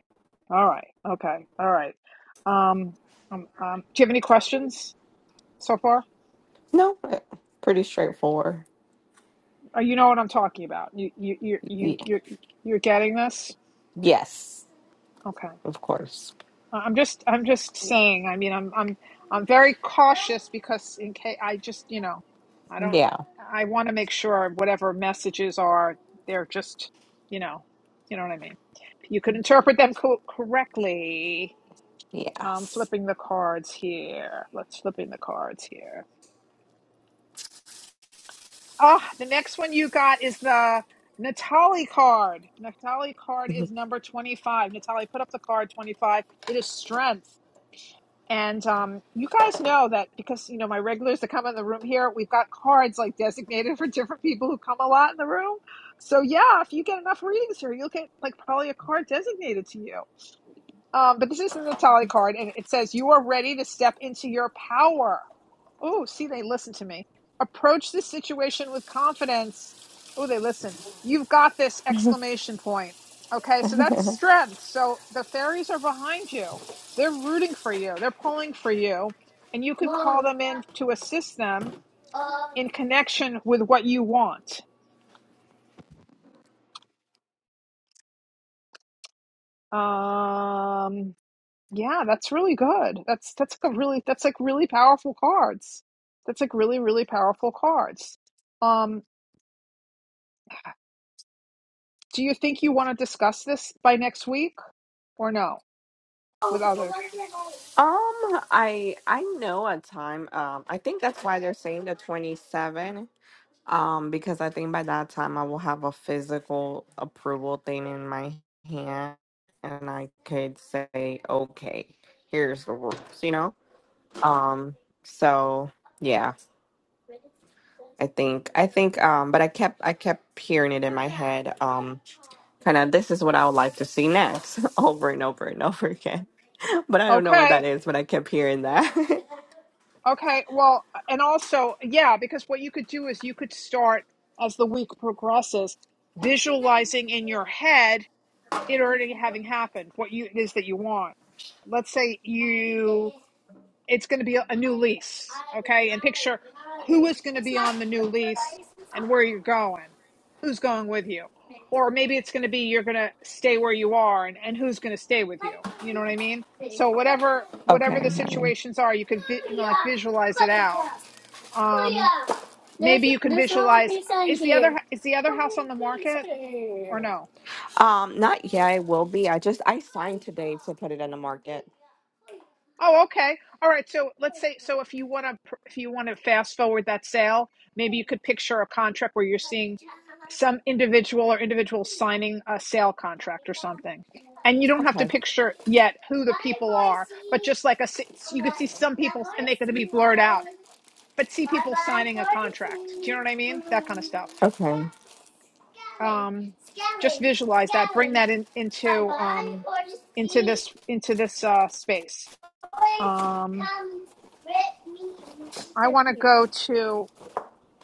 B: all right okay all right um, um, um do you have any questions so far?
C: No. uh, Pretty straightforward.
B: Uh, you know what I'm talking about. You you you you
C: Y-
B: you're, you're getting this?
C: yes.
B: Okay.
C: Of course.
B: I- I'm just I'm just saying. I mean, I'm I'm I'm very cautious because in case I just, you know, I don't
C: Yeah.
B: I want to make sure whatever messages are they're just, you know, you know what I mean. You could interpret them co- correctly. Um,
C: Yes.
B: flipping the cards here. Let's flipping the cards here. Oh, the next one you got is the Natali card. Natali card
C: Mhm.
B: is number 25. Natali, put up the card 25. It is strength. And um, you guys know that because, you know, my regulars that come in the room here, we've got cards like designated for different people who come a lot in the room. So, yeah, if you get enough readings here, you'll get like probably a card designated to you. Um, but this is the Natali card, and it says, You are ready to step into your power. Oh, see, they listen to me. Approach the situation with confidence. Oh, they listen. You've got this exclamation point. Okay, so that's strength. So the fairies are behind you. They're rooting for you. They're pulling for you. And you could call them in to assist them in connection with what you want. Um yeah, that's really good. That's that's a really that's like really powerful cards. That's like really, really powerful cards. Um. Do you think you want to discuss this by next week or no with others?
C: Um. I. I know a time. Um. I think that's why they're saying the twenty seven. Um, because I think by that time I will have a physical approval thing in my hand and I could say, okay, here's the rules, you know? Um, so yeah, I think I think um but I kept I kept hearing it in my head, um, kinda this is what I would like to see next over and over and over again. But I don't know what that
B: Okay.
C: is, but I kept hearing that.
B: Okay. Well, and also, yeah, because what you could do is you could start as the week progresses visualizing in your head it already having happened, what you it is that you want. Let's say you it's going to be a, a new lease, okay? And picture who is going to be on the new lease and where you're going, who's going with you. Or maybe it's going to be you're going to stay where you are and, and who's going to stay with you. You know what I mean? So whatever whatever
C: okay.
B: the situations are, you could vi- you know like visualize it out. Um maybe you can visualize is the other is the other house on the market or no?
C: Um, not yeah, it will be. I just I signed today to put it in the market.
B: Oh, okay. All right, so let's say so if you want to if you want to fast forward that sale, maybe you could picture a contract where you're seeing some individual or individuals signing a sale contract or something. And you don't have to
C: Okay.
B: picture yet who the people are, but just like a, you could see some people and they could be blurred out, but see people signing a contract. Do you know what I mean? That kind of stuff.
C: Okay.
B: Um, just visualize that, bring that in, into, um, into this, into this, uh, space. Um, I want to go to.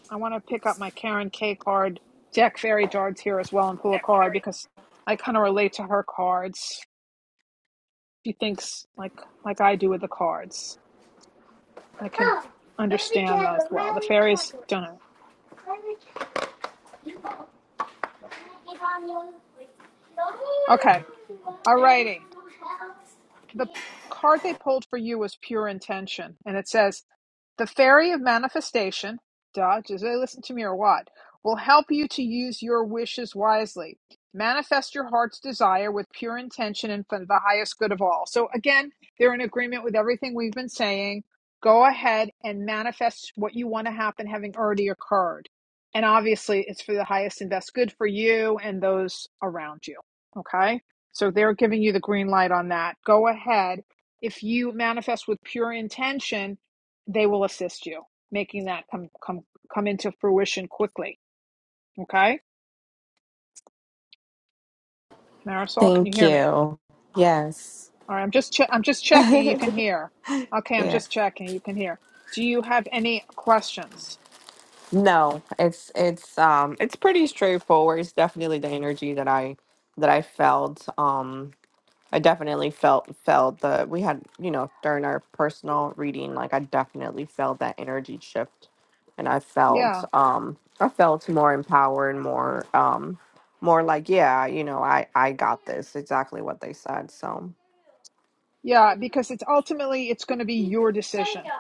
B: I want to pick up my Karen K card, Jack Fairy cards here as well, and pull a card because I kind of relate to her cards. She thinks like like I do with the cards. I can understand those well. The fairies don't. know. Okay, alrighty. the card they pulled for you was pure intention, and it says the fairy of manifestation. Duh, just really listen to me or what? Will help you to use your wishes wisely. Manifest your heart's desire with pure intention and for the highest good of all. So again, they're in agreement with everything we've been saying. Go ahead and manifest what you want to happen, having already occurred. And obviously, it's for the highest and best good for you and those around you. Okay. So they're giving you the green light on that. Go ahead. If you manifest with pure intention, they will assist you making that come come come into fruition quickly. Okay, Marisol, can you
C: Thank
B: hear me?
C: you. Yes.
B: All right, I'm just che- I'm just checking. You can hear. Okay, I'm
C: Yeah.
B: just checking. You can hear. Do you have any questions?
C: No, it's it's um it's pretty straightforward. It's definitely the energy that I that I felt. Um I definitely felt felt the we had, you know, during our personal reading, like I definitely felt that energy shift and I felt
B: Yeah,
C: um I felt more empowered, more um more like, yeah, you know, I I got this. Exactly what they said. So,
B: yeah. Because it's ultimately it's going to be your decision.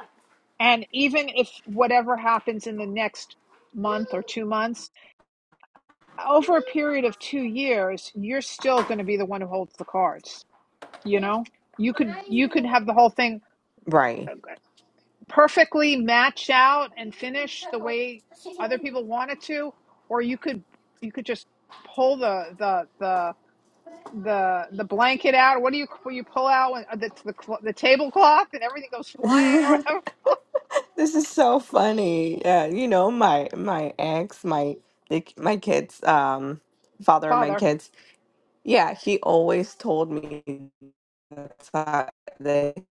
B: And even if whatever happens in the next month or two months over a period of two years, you're still going to be the one who holds the cards. You know, you could you could have the whole thing
C: right.
B: uh, perfectly match out and finish the way other people want it to, or you could you could just pull the the the the the blanket out. What do you what you pull out when, the the the tablecloth and everything goes flying or whatever?
C: This is so funny. Yeah, you know, my my ex, my the, my kids, um, father of my
B: Father,
C: kids. Yeah, he always told me that's that, that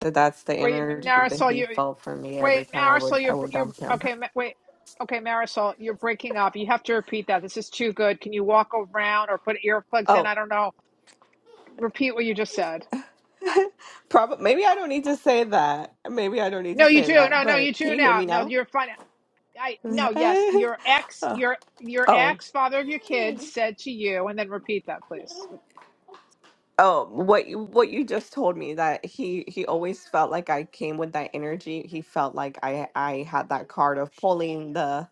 C: that's the
B: where you,
C: energy that
B: Marisol,
C: he
B: you.
C: felt for me every
B: Wait,
C: time I would
B: Marisol,
C: I
B: you're
C: would
B: you're
C: dump him.
B: okay. Ma- Wait, okay, Marisol, you're breaking up. You have to repeat that. This is too good. Can you walk around or put earplugs in?
C: Oh,
B: I don't know. Repeat what you just said.
C: probably maybe I don't need to say that. Maybe I don't need to
B: No, you
C: say
B: do.
C: that.
B: No, no,
C: But
B: you
C: can
B: do
C: you hear
B: now.
C: me
B: No,
C: now?
B: you're fine. I no, yes, your ex, your your
C: oh,
B: ex, father of your kids, said to you, and then repeat that, please.
C: Oh, what you what you just told me that he he always felt like I came with that energy. He felt like I I had that card of pulling the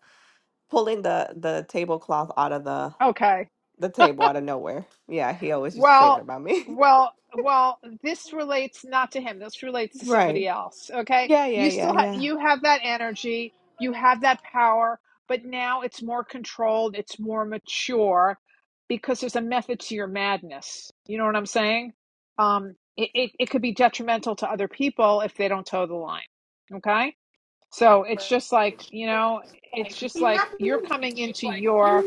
C: pulling the the tablecloth out of the
B: Okay.
C: the table out of nowhere. Yeah, he always used to say that
B: Well,
C: about me.
B: well, well, this relates not to him. This relates to somebody
C: Right.
B: else. Okay?
C: Yeah, yeah,
B: You
C: yeah,
B: still have
C: yeah.
B: you have that energy, you have that power, but now it's more controlled, it's more mature because there's a method to your madness. You know what I'm saying? Um it, it, it could be detrimental to other people if they don't toe the line. Okay? So it's just like, you know, it's just like you're coming into your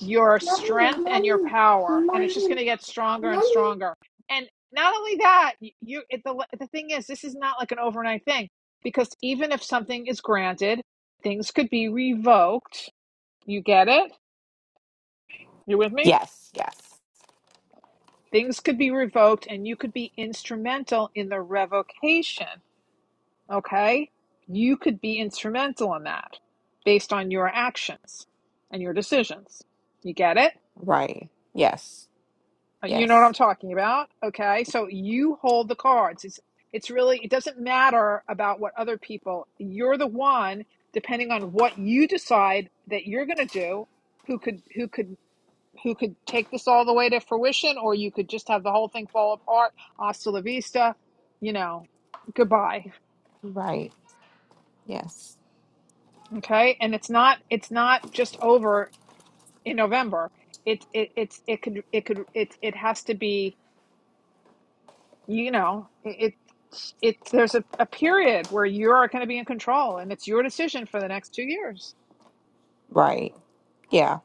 B: your strength and your power and it's just going to get stronger and stronger and not only that you it, the, the thing is this is not like an overnight thing because even if something is granted things could be revoked you get it you with me
C: Yes, yes.
B: things could be revoked and you could be instrumental in the revocation okay you could be instrumental in that based on your actions and your decisions you get it
C: Right. Yes.
B: You know what I'm
C: Yes.
B: talking about? Okay. So you hold the cards. It's it's really it doesn't matter about what other people. You're the one depending on what you decide that you're going to do who could who could who could take this all the way to fruition or you could just have the whole thing fall apart. Hasta la vista, you know. Goodbye.
C: Right. Yes.
B: Okay? And it's not it's not just over in November. It it it's it could it could it it has to be you know it, it's it's there's a, a period where you're going to be in control and it's your decision for the next two years
C: Right. Yeah.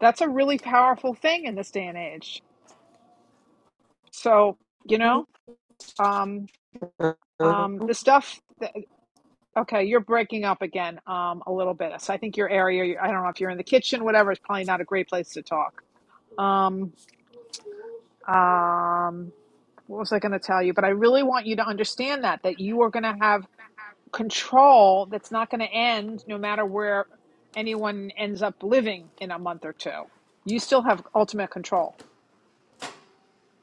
B: that's a really powerful thing in this day and age so you know um um the stuff that, okay you're breaking up again um a little bit so i think your area i don't know if you're in the kitchen whatever is probably not a great place to talk um um what was i going to tell you but i really want you to understand that that you are going to have control that's not going to end no matter where anyone ends up living in a month or two. You still have ultimate control.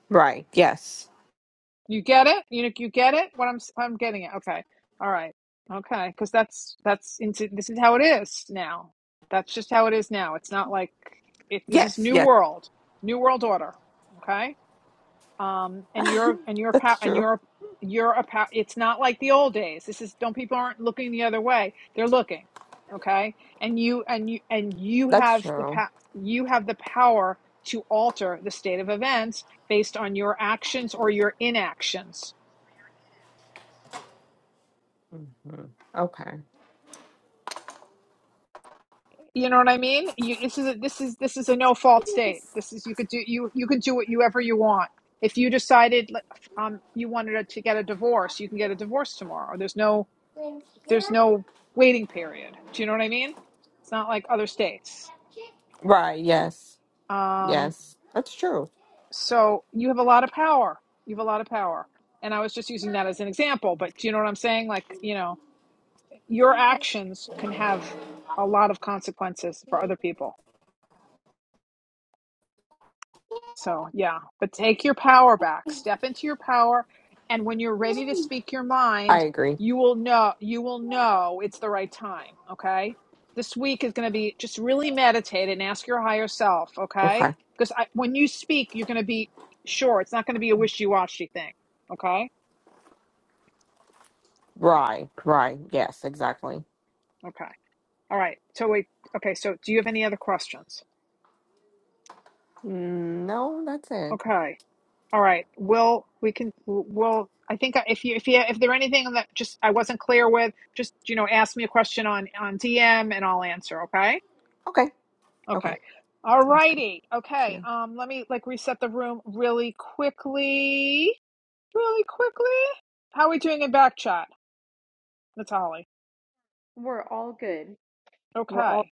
C: Right. Yes.
B: You get it? You you get it? What I'm i I'm getting it. Okay. All right. Okay, because that's that's into this is how it is now. That's just how it is now. It's not like it, this is
C: Yes,
B: new
C: yes.
B: world, new world order. Okay um and you're and you're
C: That's
B: and
C: true.
B: you're you're a pow- it's not like the old days this is don't people aren't looking the other way they're looking okay and you and you and you
C: That's
B: have the
C: true.
B: pa- you have the power to alter the state of events based on your actions or your inactions
C: Okay.
B: you know what i mean you, this is a, this is this is a no fault state this is you could do you you could do whatever you want if you decided like, um you wanted to get a divorce you can get a divorce tomorrow there's no there's no waiting period. Do you know what I mean? It's not like other states.
C: Right. Yes.
B: Um,
C: Yes. That's true.
B: so you have a lot of power. You have a lot of power. And I was just using that as an example, but do you know what I'm saying? Like, you know, your actions can have a lot of consequences for other people. So, yeah, but take your power back. Step into your power and when you're ready to speak your
C: I
B: mind,
C: agree.
B: you will know you will know it's the right time, okay? This week is going to be just really meditate and ask your higher self, okay?
C: Okay.
B: Because I, when you speak, you're going to be sure. It's not going to be a wishy-washy thing, okay?
C: Right. Right. Yes. Exactly.
B: Okay. All right. So wait. Okay, so do you have any other questions?
C: Mm, No, that's it.
B: Okay. All right. We'll we can we'll I think if you if you if there anything that just I wasn't clear with, just you know, ask me a question on on DM and I'll answer, okay?
C: Okay. Okay.
B: Okay. All
C: Sounds good.
B: righty. Okay.
C: Cute.
B: Um let me like reset the room really quickly. Really quickly. How are we doing in back chat, Natalie?
A: We're all good. We're all
B: Okay.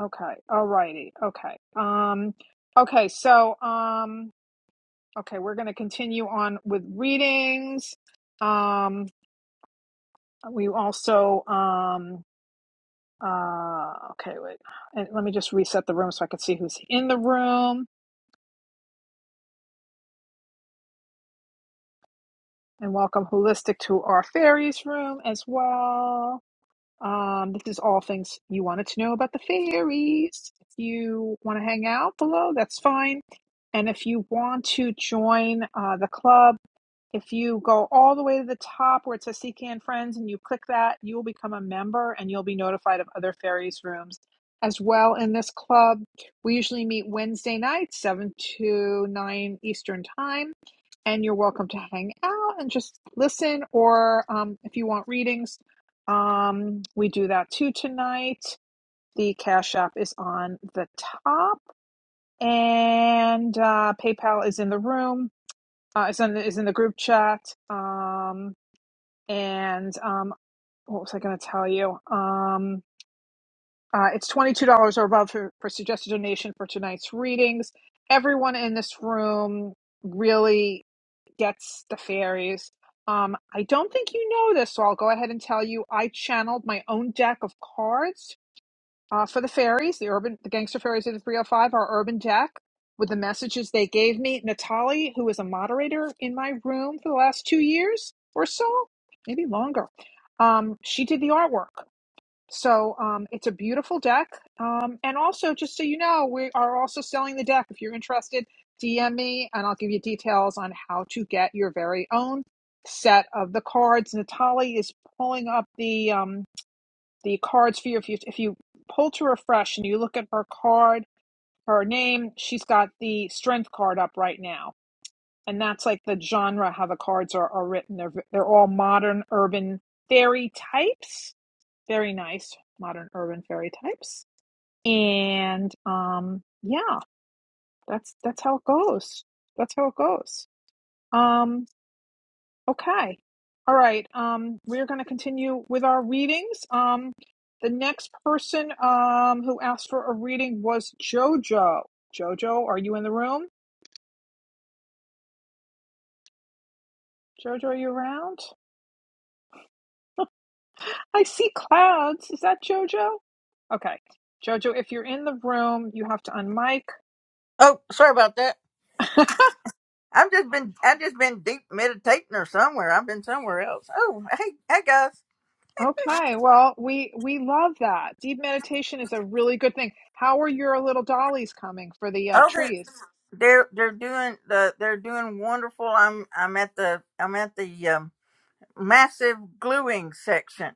B: Okay. All righty. Okay. Um okay, so um okay, we're going to continue on with readings. Um We also, um, uh, okay, wait. And let me just reset the room so I can see who's in the room. And welcome Holistic to our fairies room as well. Um, this is all things you wanted to know about the fairies. If you want to hang out below, that's fine. And if you want to join uh, the club, If you go all the way to the top where it says Seek and Friends and you click that, you will become a member and you'll be notified of other fairies rooms as well in this club. We usually meet Wednesday nights, 7 to 9 Eastern Time, and you're welcome to hang out and just listen, or um, if you want readings, um, we do that too tonight. The Cash App is on the top, and uh, PayPal is in the room uh, it's in the, it's in the group chat. Um, and um, what was I going to tell you? Um, uh, it's twenty two dollars or above for, for suggested donation for tonight's readings. Everyone in this room really gets the fairies. Um, I don't think you know this, so I'll go ahead and tell you. I channeled my own deck of cards uh, for the fairies, the urban, the gangster fairies of the 305 are Urban Jack with the messages they gave me. Natali, who is a moderator in my room for the last two years or so, maybe longer. Um, she did the artwork. So um, it's a beautiful deck. Um, and also, just so you know, we are also selling the deck. If you're interested, DM me and I'll give you details on how to get your very own set of the cards. Natali is pulling up the. um the cards for you. If you if you pull to refresh and you look at her card, her name, she's got the strength card up right now, and that's like the genre how the cards are, are written. They're they're all modern urban fairy types. Very nice modern urban fairy types, and um yeah, that's that's how it goes. That's how it goes. Um, Okay. All right. Um, we're going to continue with our readings. Um, the next person um, who asked for a reading was Jojo. Jojo, are you in the room? Jojo, are you around? I see clouds. Is that Jojo? Okay. Jojo, if you're in the room, you have to unmic.
G: Oh, sorry about that. I've just been I've just been deep meditating or somewhere. I've been somewhere else. Oh, hey, hey guys.
B: Okay, well, we we love that. Deep meditation is a really good thing. How are your little dollies coming for the uh,
G: Oh, they're
B: trees?
G: they're, they're doing the they're doing wonderful. I'm I'm at the I'm at the um, massive gluing section.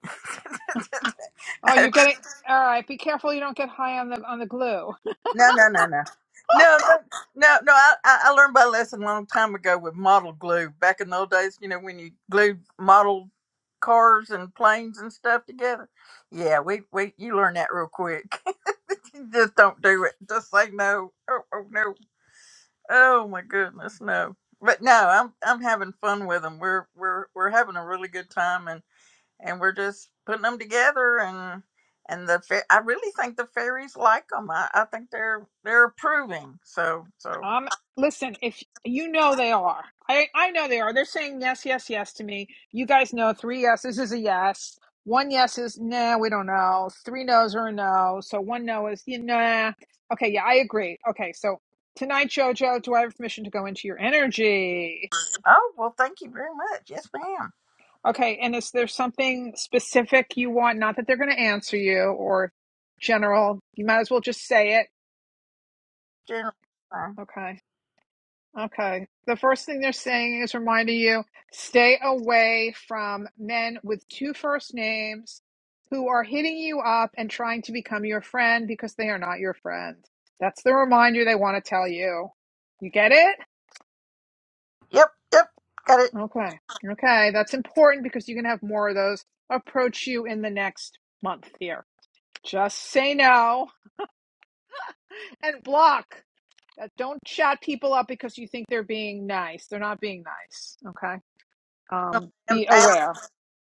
B: Oh, you're getting all right. Be careful you don't get high on the on the glue.
G: No, no, no, no. No, no, no, no. I, I I learned my lesson a long time ago with model glue. Back in the old days, you know, when you glued model cars and planes and stuff together. Yeah, we, we you learn that real quick. You Just don't do it. Just say no. Oh, oh no. Oh my goodness, no. But no, I'm I'm having fun with them. We're we're we're having a really good time, and we're just putting them together and and the fa- I really think the fairies like them. I, I think they're they're approving. So so
B: Um, listen, if you know they are, I I know they are. They're saying yes, yes, yes to me. You guys know three yeses is a yes. One yes is nah, we don't know. Three no's are a no. So one no is you nah. Okay, yeah, I agree. Okay, so tonight, Jojo, do I have permission to go into your energy?
G: oh well, thank you very much. Yes, ma'am.
B: Okay, and is there something specific you want? Not that they're going to answer you or general. You might as well just say it.
G: General. Fine.
B: Okay. Okay. The first thing they're saying is reminding you stay away from men with two first names who are hitting you up and trying to become your friend because they are not your friend. That's the reminder they want to tell you. You get it?
G: Yep, yep, got it.
B: Okay. Okay. That's important because you are gonna have more of those approach you in the next month here. Just say no and block. Uh, Don't chat people up because you think they're being nice. They're not being nice. Okay. Um,
G: And
B: be
G: I am,
B: aware.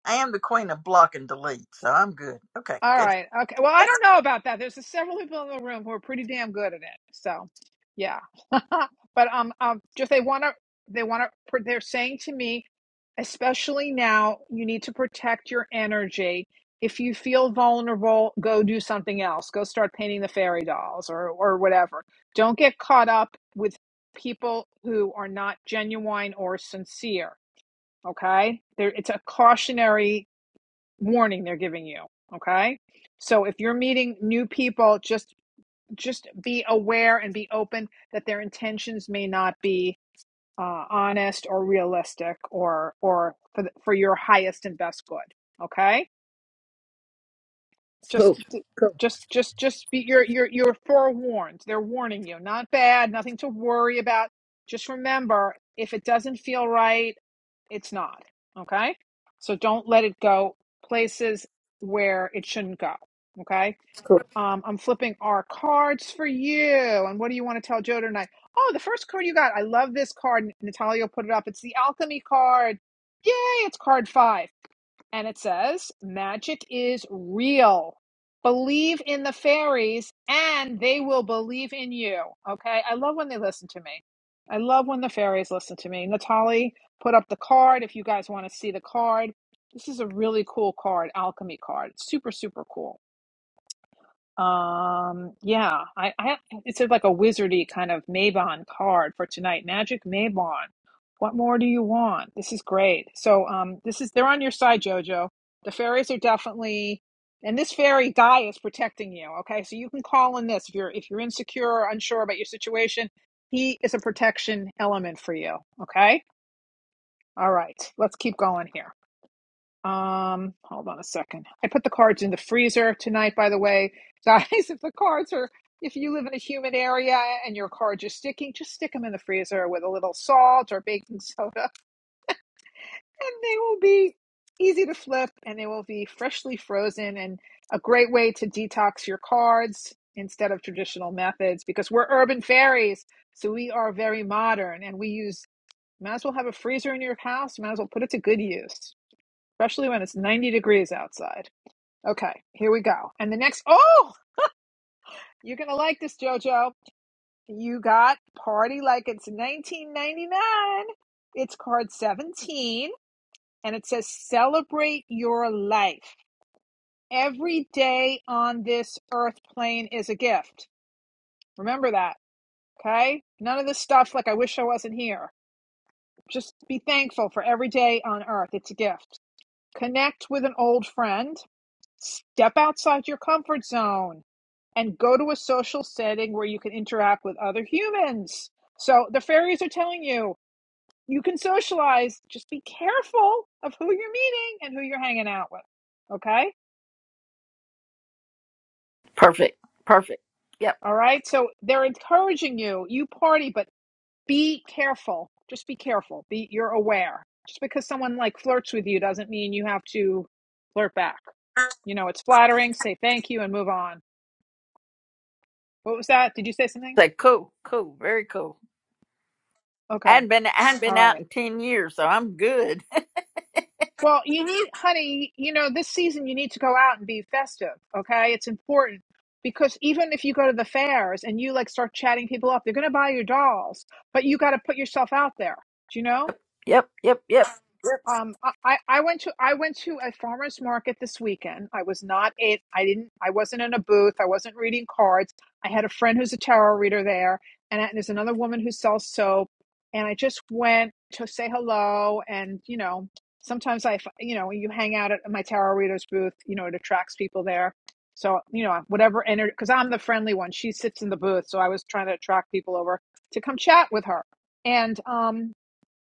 G: I am the queen of block and delete, so I'm good. Okay,
B: All
G: good.
B: right. Okay. Well, I don't know about that. There's several people in the room who are pretty damn good at it. So, yeah. but um, um, just they want to, they want to. They're saying to me, especially now, you need to protect your energy. If you feel vulnerable, go do something else. Go start painting the fairy dolls or or whatever. Don't get caught up with people who are not genuine or sincere. Okay, there. It's a cautionary warning they're giving you okay so if you're meeting new people just just be aware and be open that their intentions may not be uh, honest or realistic or or for, the, for your highest and best good okay just
G: Cool, cool,
B: just just just be you're you're you're forewarned they're warning you not bad nothing to worry about just remember if it doesn't feel right it's not okay so don't let it go places where it shouldn't go okay
G: cool.
B: um, i'm flipping our cards for you and what do you want to tell joe tonight oh the first card you got i love this card natalia put it up it's the alchemy card yay it's card five and it says, magic is real. Believe in the fairies and they will believe in you. Okay. I love when they listen to me. I love when the fairies listen to me. Natali put up the card if you guys want to see the card. This is a really cool card, alchemy card. Super, super cool. Um, yeah, I, I have, it's sort of like a wizardy kind of Mabon card for tonight. Magic Mabon. What more do you want? This is great. So, um, this is they're on your side, Jojo. The fairies are definitely, and this fairy guy is protecting you. Okay, so you can call in this if you're if you're insecure or unsure about your situation. He is a protection element for you. Okay, all right, let's keep going here. Um, hold on a second. I put the cards in the freezer tonight, by the way. Guys, if the cards are, if you live in a humid area and your cards are sticking, just stick them in the freezer with a little salt or baking soda, and they will be easy to flip and they will be freshly frozen and a great way to detox your cards instead of traditional methods because we're urban fairies. So we are very modern and we use, might as well have a freezer in your house, might as well put it to good use, especially when it's 90 degrees outside. Okay, here we go. And the next, oh, you're going to like this, JoJo. You got Party Like It's 1999. It's card 17, and it says Celebrate Your Life. Every day on this earth plane is a gift. Remember that, okay? None of this stuff like I wish I wasn't here. Just be thankful for every day on earth. It's a gift. Connect with an old friend. Step outside your comfort zone and go to a social setting where you can interact with other humans. So the fairies are telling you you can socialize, just be careful of who you're meeting and who you're hanging out with. Okay?
G: Perfect, perfect. Yep.
B: All right? So they're encouraging you, you party, but be careful. Just be careful. Be you're aware. Just because someone like flirts with you doesn't mean you have to flirt back. You know, it's flattering, say thank you and move on. What was that? Did you say something?
G: Say cool, cool, very cool. I
B: Okay.
G: hadn't been I hadn't
B: All
G: been
B: right.
G: out in ten years, so I'm good.
B: Well, you need, honey, you know, this season you need to go out and be festive, okay? It's important because even if you go to the fairs and you like start chatting people up, they're going to buy your dolls, but you got to put yourself out there, do you know?
G: yep, yep, yep, yep.
B: Um, I, I went to I went to a farmer's market this weekend. I was not it. I didn't. I wasn't in a booth. I wasn't reading cards. I had a friend who's a tarot reader there, and I- there's another woman who sells soap. And I just went to say hello, and you know, sometimes I, f- you know, you hang out at my tarot reader's booth. You know, it attracts people there. So you know, whatever energy, because I'm the friendly one. She sits in the booth, so I was trying to attract people over to come chat with her. And um,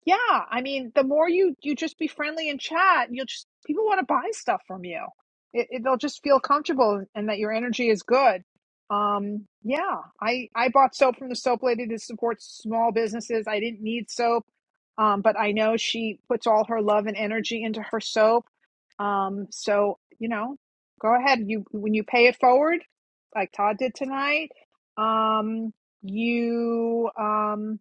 B: yeah, I mean, the more you you just be friendly and chat, you'll just people want to buy stuff from you. It, it, they'll just feel comfortable and that your energy is good. Um, yeah, I I bought soap from the soap lady to support small businesses. I didn't need soap, um, but I know she puts all her love and energy into her soap. Um, so you know, go ahead. You when you pay it forward, like Todd did tonight. Um, you um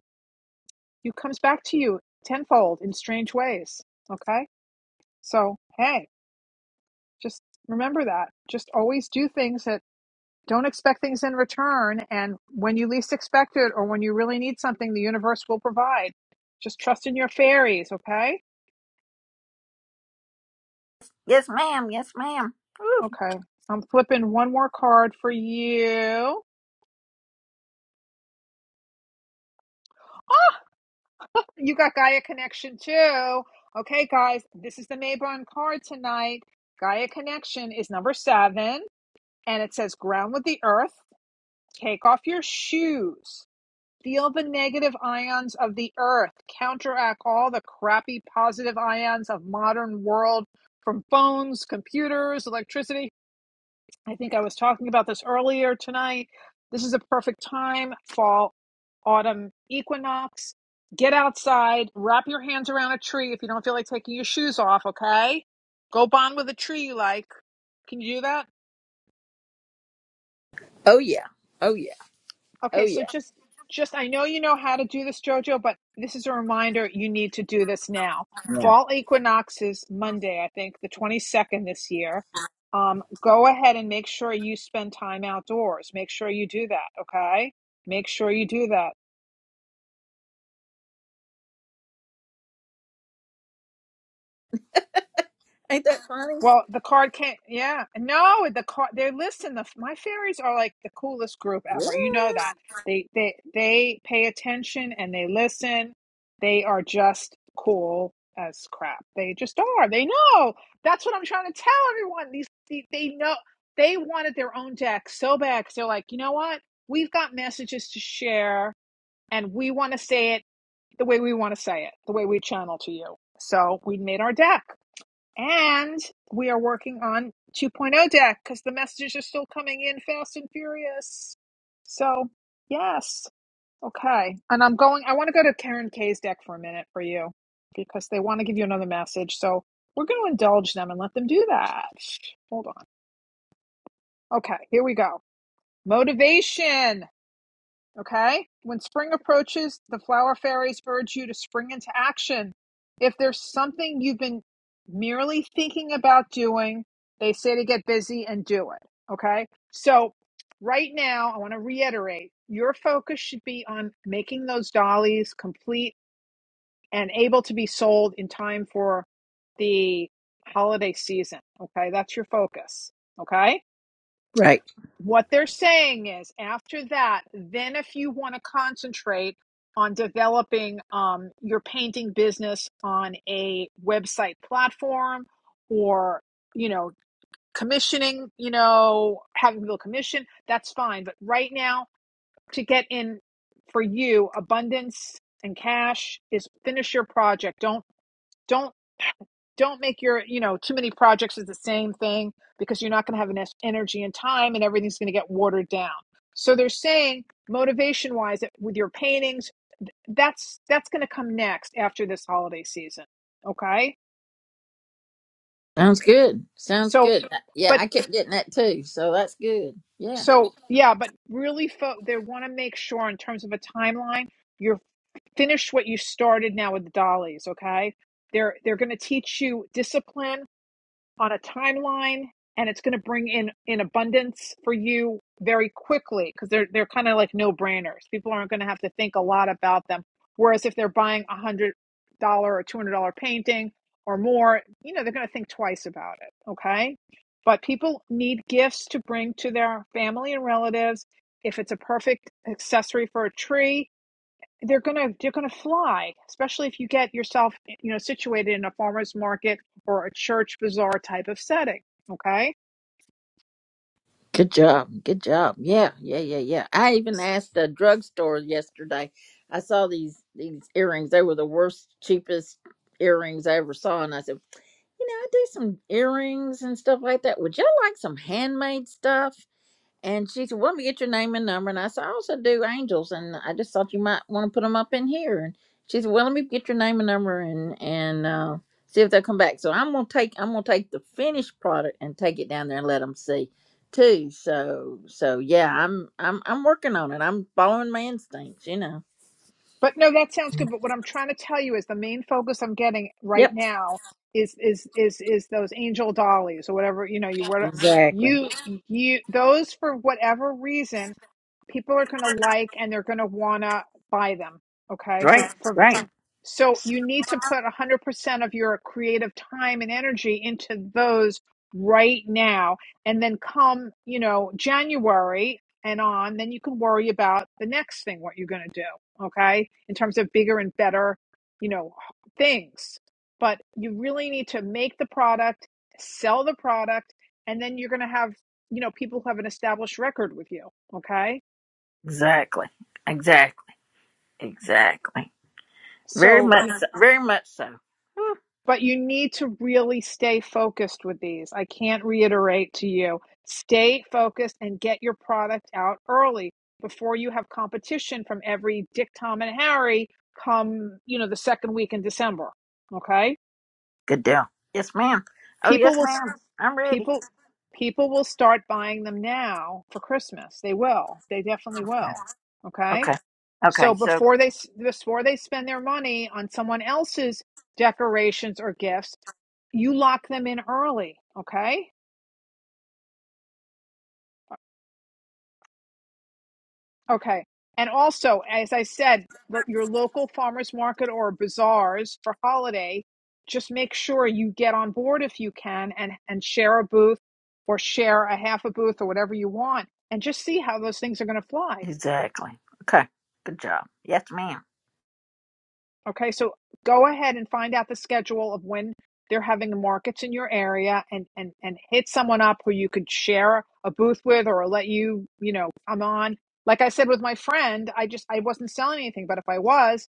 B: you comes back to you tenfold in strange ways. Okay? So, hey, just remember that. Just always do things that don't expect things in return. And when you least expect it or when you really need something, the universe will provide. Just trust in your fairies. Okay?
G: Yes, ma'am. Yes, ma'am. Woo.
B: Okay. I'm flipping one more card for you. You got Gaia Connection too. Okay, guys, this is the Maybon card tonight. Gaia Connection is number seven, and it says ground with the earth Take off your shoes. Feel the negative ions of the earth. Counteract all the crappy positive ions of modern world from phones, computers, electricity. I think I was talking about this earlier tonight. This is a perfect time, fall, autumn equinox. Get outside, wrap your hands around a tree if you don't feel like taking your shoes off, okay? Go bond with a tree you like. Can you do that?
G: Oh yeah. Oh yeah. Oh
B: Okay, so
G: yeah.
B: just just I know you know how to do this, Jojo, but this is a reminder you need to do this now. Fall equinox is Monday, I think, the 22nd this year. Um, go ahead and make sure you spend time outdoors. Make sure you do that, okay? Make sure you do that.
G: Ain't that funny?
B: Well, the card can't. Yeah, no, the card. They're listen. The my fairies are like the coolest group
G: Yeah.
B: ever. You know that they they they pay attention and they listen. They are just cool as crap. They just are. They know. That's what I'm trying to tell everyone. These they, they know. They wanted their own deck so bad because they're like, you know what? We've got messages to share, and we want to say it the way we want to say it, the way we channel to you. So we made our deck. And we are working on 2.0 deck because the messages are still coming in fast and furious. So, yes. Okay. And I'm going, I want to go to Karen K's deck for a minute for you because they want to give you another message. So, we're going to indulge them and let them do that. Hold on. Okay. Here we go. Motivation. Okay? When spring approaches, the flower fairies urge you to spring into action. If there's something you've been merely thinking about doing, they say to get busy and do it. Okay? So, right now, I want to reiterate your focus should be on making those dollies complete and able to be sold in time for the holiday season. Okay? That's your focus. Okay?
G: Right.
B: What they're saying is after that, then if you want to concentrate on developing um, your painting business on a website platform or, you know, commissioning, you know, having people commission, that's fine. But right now, to get in for you, abundance and cash is finish your project. Don't don't don't make your you know too many projects is the same thing because you're not going to have enough energy and time and everything's going to get watered down so they're saying motivation wise with your paintings that's that's going to come next after this holiday season okay
G: Sounds good. Sounds
B: so
G: good. Yeah,
B: but
G: I kept getting that too. So that's good. Yeah.
B: so yeah but really fo- they want to make sure in terms of a timeline you're finished what you started now with the dollies okay they're they're going to teach you discipline on a timeline and it's going to bring in in abundance for you very quickly because they're they're kind of like no brainers people aren't going to have to think a lot about them whereas if they're buying a one hundred dollar or two hundred dollar painting or more you know they're going to think twice about it okay but people need gifts to bring to their family and relatives if it's a perfect accessory for a tree they're gonna they're gonna fly, especially if you get yourself you know situated in a farmer's market or a church bazaar type of setting. Okay,
G: Good job. Good job. Yeah. Yeah. Yeah. Yeah. I even asked the drugstore yesterday. I saw these these earrings. They were the worst, cheapest earrings I ever saw. And I said, you know, I do some earrings and stuff like that. Would y'all like some handmade stuff? And she said, well, let me get your name and number. And I said, I also do angels. And I just thought you might want to put them up in here. And she said, well, let me get your name and number and, and, uh, see if they'll come back. So I'm going to take, I'm going to take the finished product and take it down there and let them see too. So, so yeah, I'm, I'm, I'm working on it. I'm following my instincts, you know?
B: but no, that sounds good. But what I'm trying to tell you is the main focus I'm getting right
G: Yep.
B: now is is is is those angel dollies or whatever you know you were
G: Exactly.
B: you you those for whatever reason people are gonna like and they're gonna wanna buy them. Okay, for
G: Right.
B: for
G: Right.
B: So you need to put 100% of your creative time and energy into those right now. And then come, you know, January and on, then you can worry about the next thing, what you're going to do. Okay. In terms of bigger and better, you know, things. But you really need to make the product, sell the product, and then you're going to have, you know, people who have an established record with you. Okay.
G: Exactly. Exactly. Exactly. Very
B: So, you
G: much, so, very much so.
B: But you need to really stay focused with these. I can't reiterate to you stay focused and get your product out early before you have competition from every Dick, Tom, and Harry come, you know, the second week in December. Okay?
G: Good deal. Yes, ma'am. Oh,
B: People
G: yes,
B: will,
G: ma'am. I'm ready.
B: people, people will start buying them now for Christmas. They will. They definitely will. Okay?
G: Okay.
B: So
G: Okay. So
B: before they before they spend their money on someone else's decorations or gifts, you lock them in early, okay? Okay. And also, as I said, your local farmers market or bazaars for holiday, just make sure you get on board if you can and and share a booth or share a half a booth or whatever you want and just see how those things are going to fly
G: exactly. Okay. Good job. Yes, ma'am.
B: Okay, so go ahead and find out the schedule of when they're having the markets in your area and and and hit someone up who you could share a booth with or let you, you know, come on. Like I said with my friend, I just I wasn't selling anything, but if I was,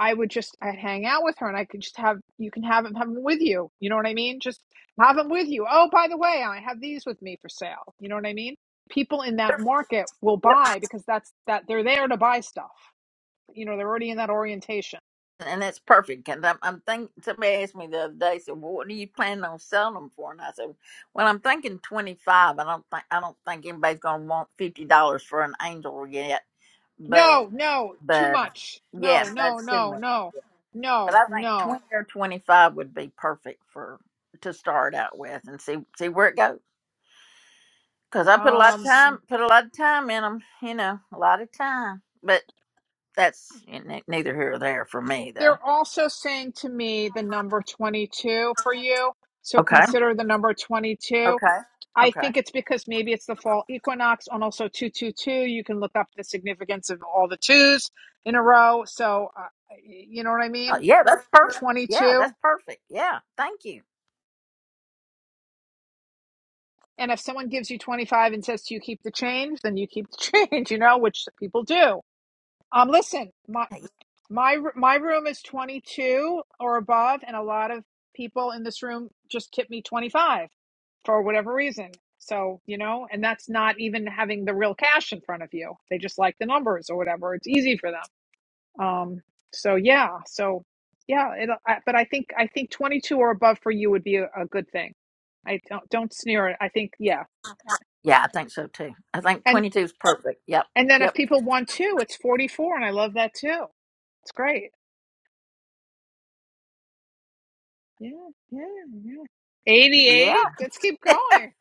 B: I would just I'd hang out with her and I could just have you can have them have them with you. You know what I mean? Just have them with you. Oh, by the way, I have these with me for sale. You know what I mean? People in that market will
G: Yep.
B: buy because that's that they're there to buy stuff. You know, they're already in that orientation.
G: And that's perfect. Because I'm, I'm thinking. Somebody asked me the other day. Said, "Well, what are you planning on selling them for?" And I said, "Well, I'm thinking 25. I don't think I don't think anybody's gonna want fifty dollars for an angel yet. But
B: No, no, too
G: but
B: much.
G: yeah,
B: No, no,
G: that's too
B: no,
G: much.
B: no,
G: But
B: no,
G: I think
B: no.
G: 20 or 25 would be perfect for to start out with and see see where it goes. Cause I put a lot of
B: Um,
G: time, put a lot of time in them, you know, a lot of time. But that's ne- neither here or there for me, though.
B: they're also saying to me the number 22 for you. So
G: Okay,
B: consider the number 22.
G: okay,
B: I
G: okay.
B: think it's because maybe it's the fall equinox and also 222. You can look up the significance of all the twos in a row. So, uh, you know what I
G: Oh,
B: mean?
G: yeah, that's perfect. Yeah,
B: 22.
G: that's perfect. Yeah, thank you.
B: And if someone gives you 25 and says, Do you keep the change? Then you keep the change, you know, which people do. Um, listen, my,
G: Hey,
B: My my room is 22 or above, and a lot of people in this room just tipped me 25 for whatever reason. So, you know, and that's not even having the real cash in front of you. They just like the numbers or whatever. It's easy for them. Um, so yeah, so yeah, it, I, but I think I think 22 or above for you would be a, a good thing. I don't don't sneer it. I think yeah.
G: Yeah, I think so too. I think
B: And
G: twenty-two is perfect. Yep,
B: and then if
G: yep.
B: people want two, it's 44 and I love that too. It's great. Yeah, yeah, yeah.
G: Yeah,
B: 88. Let's keep going.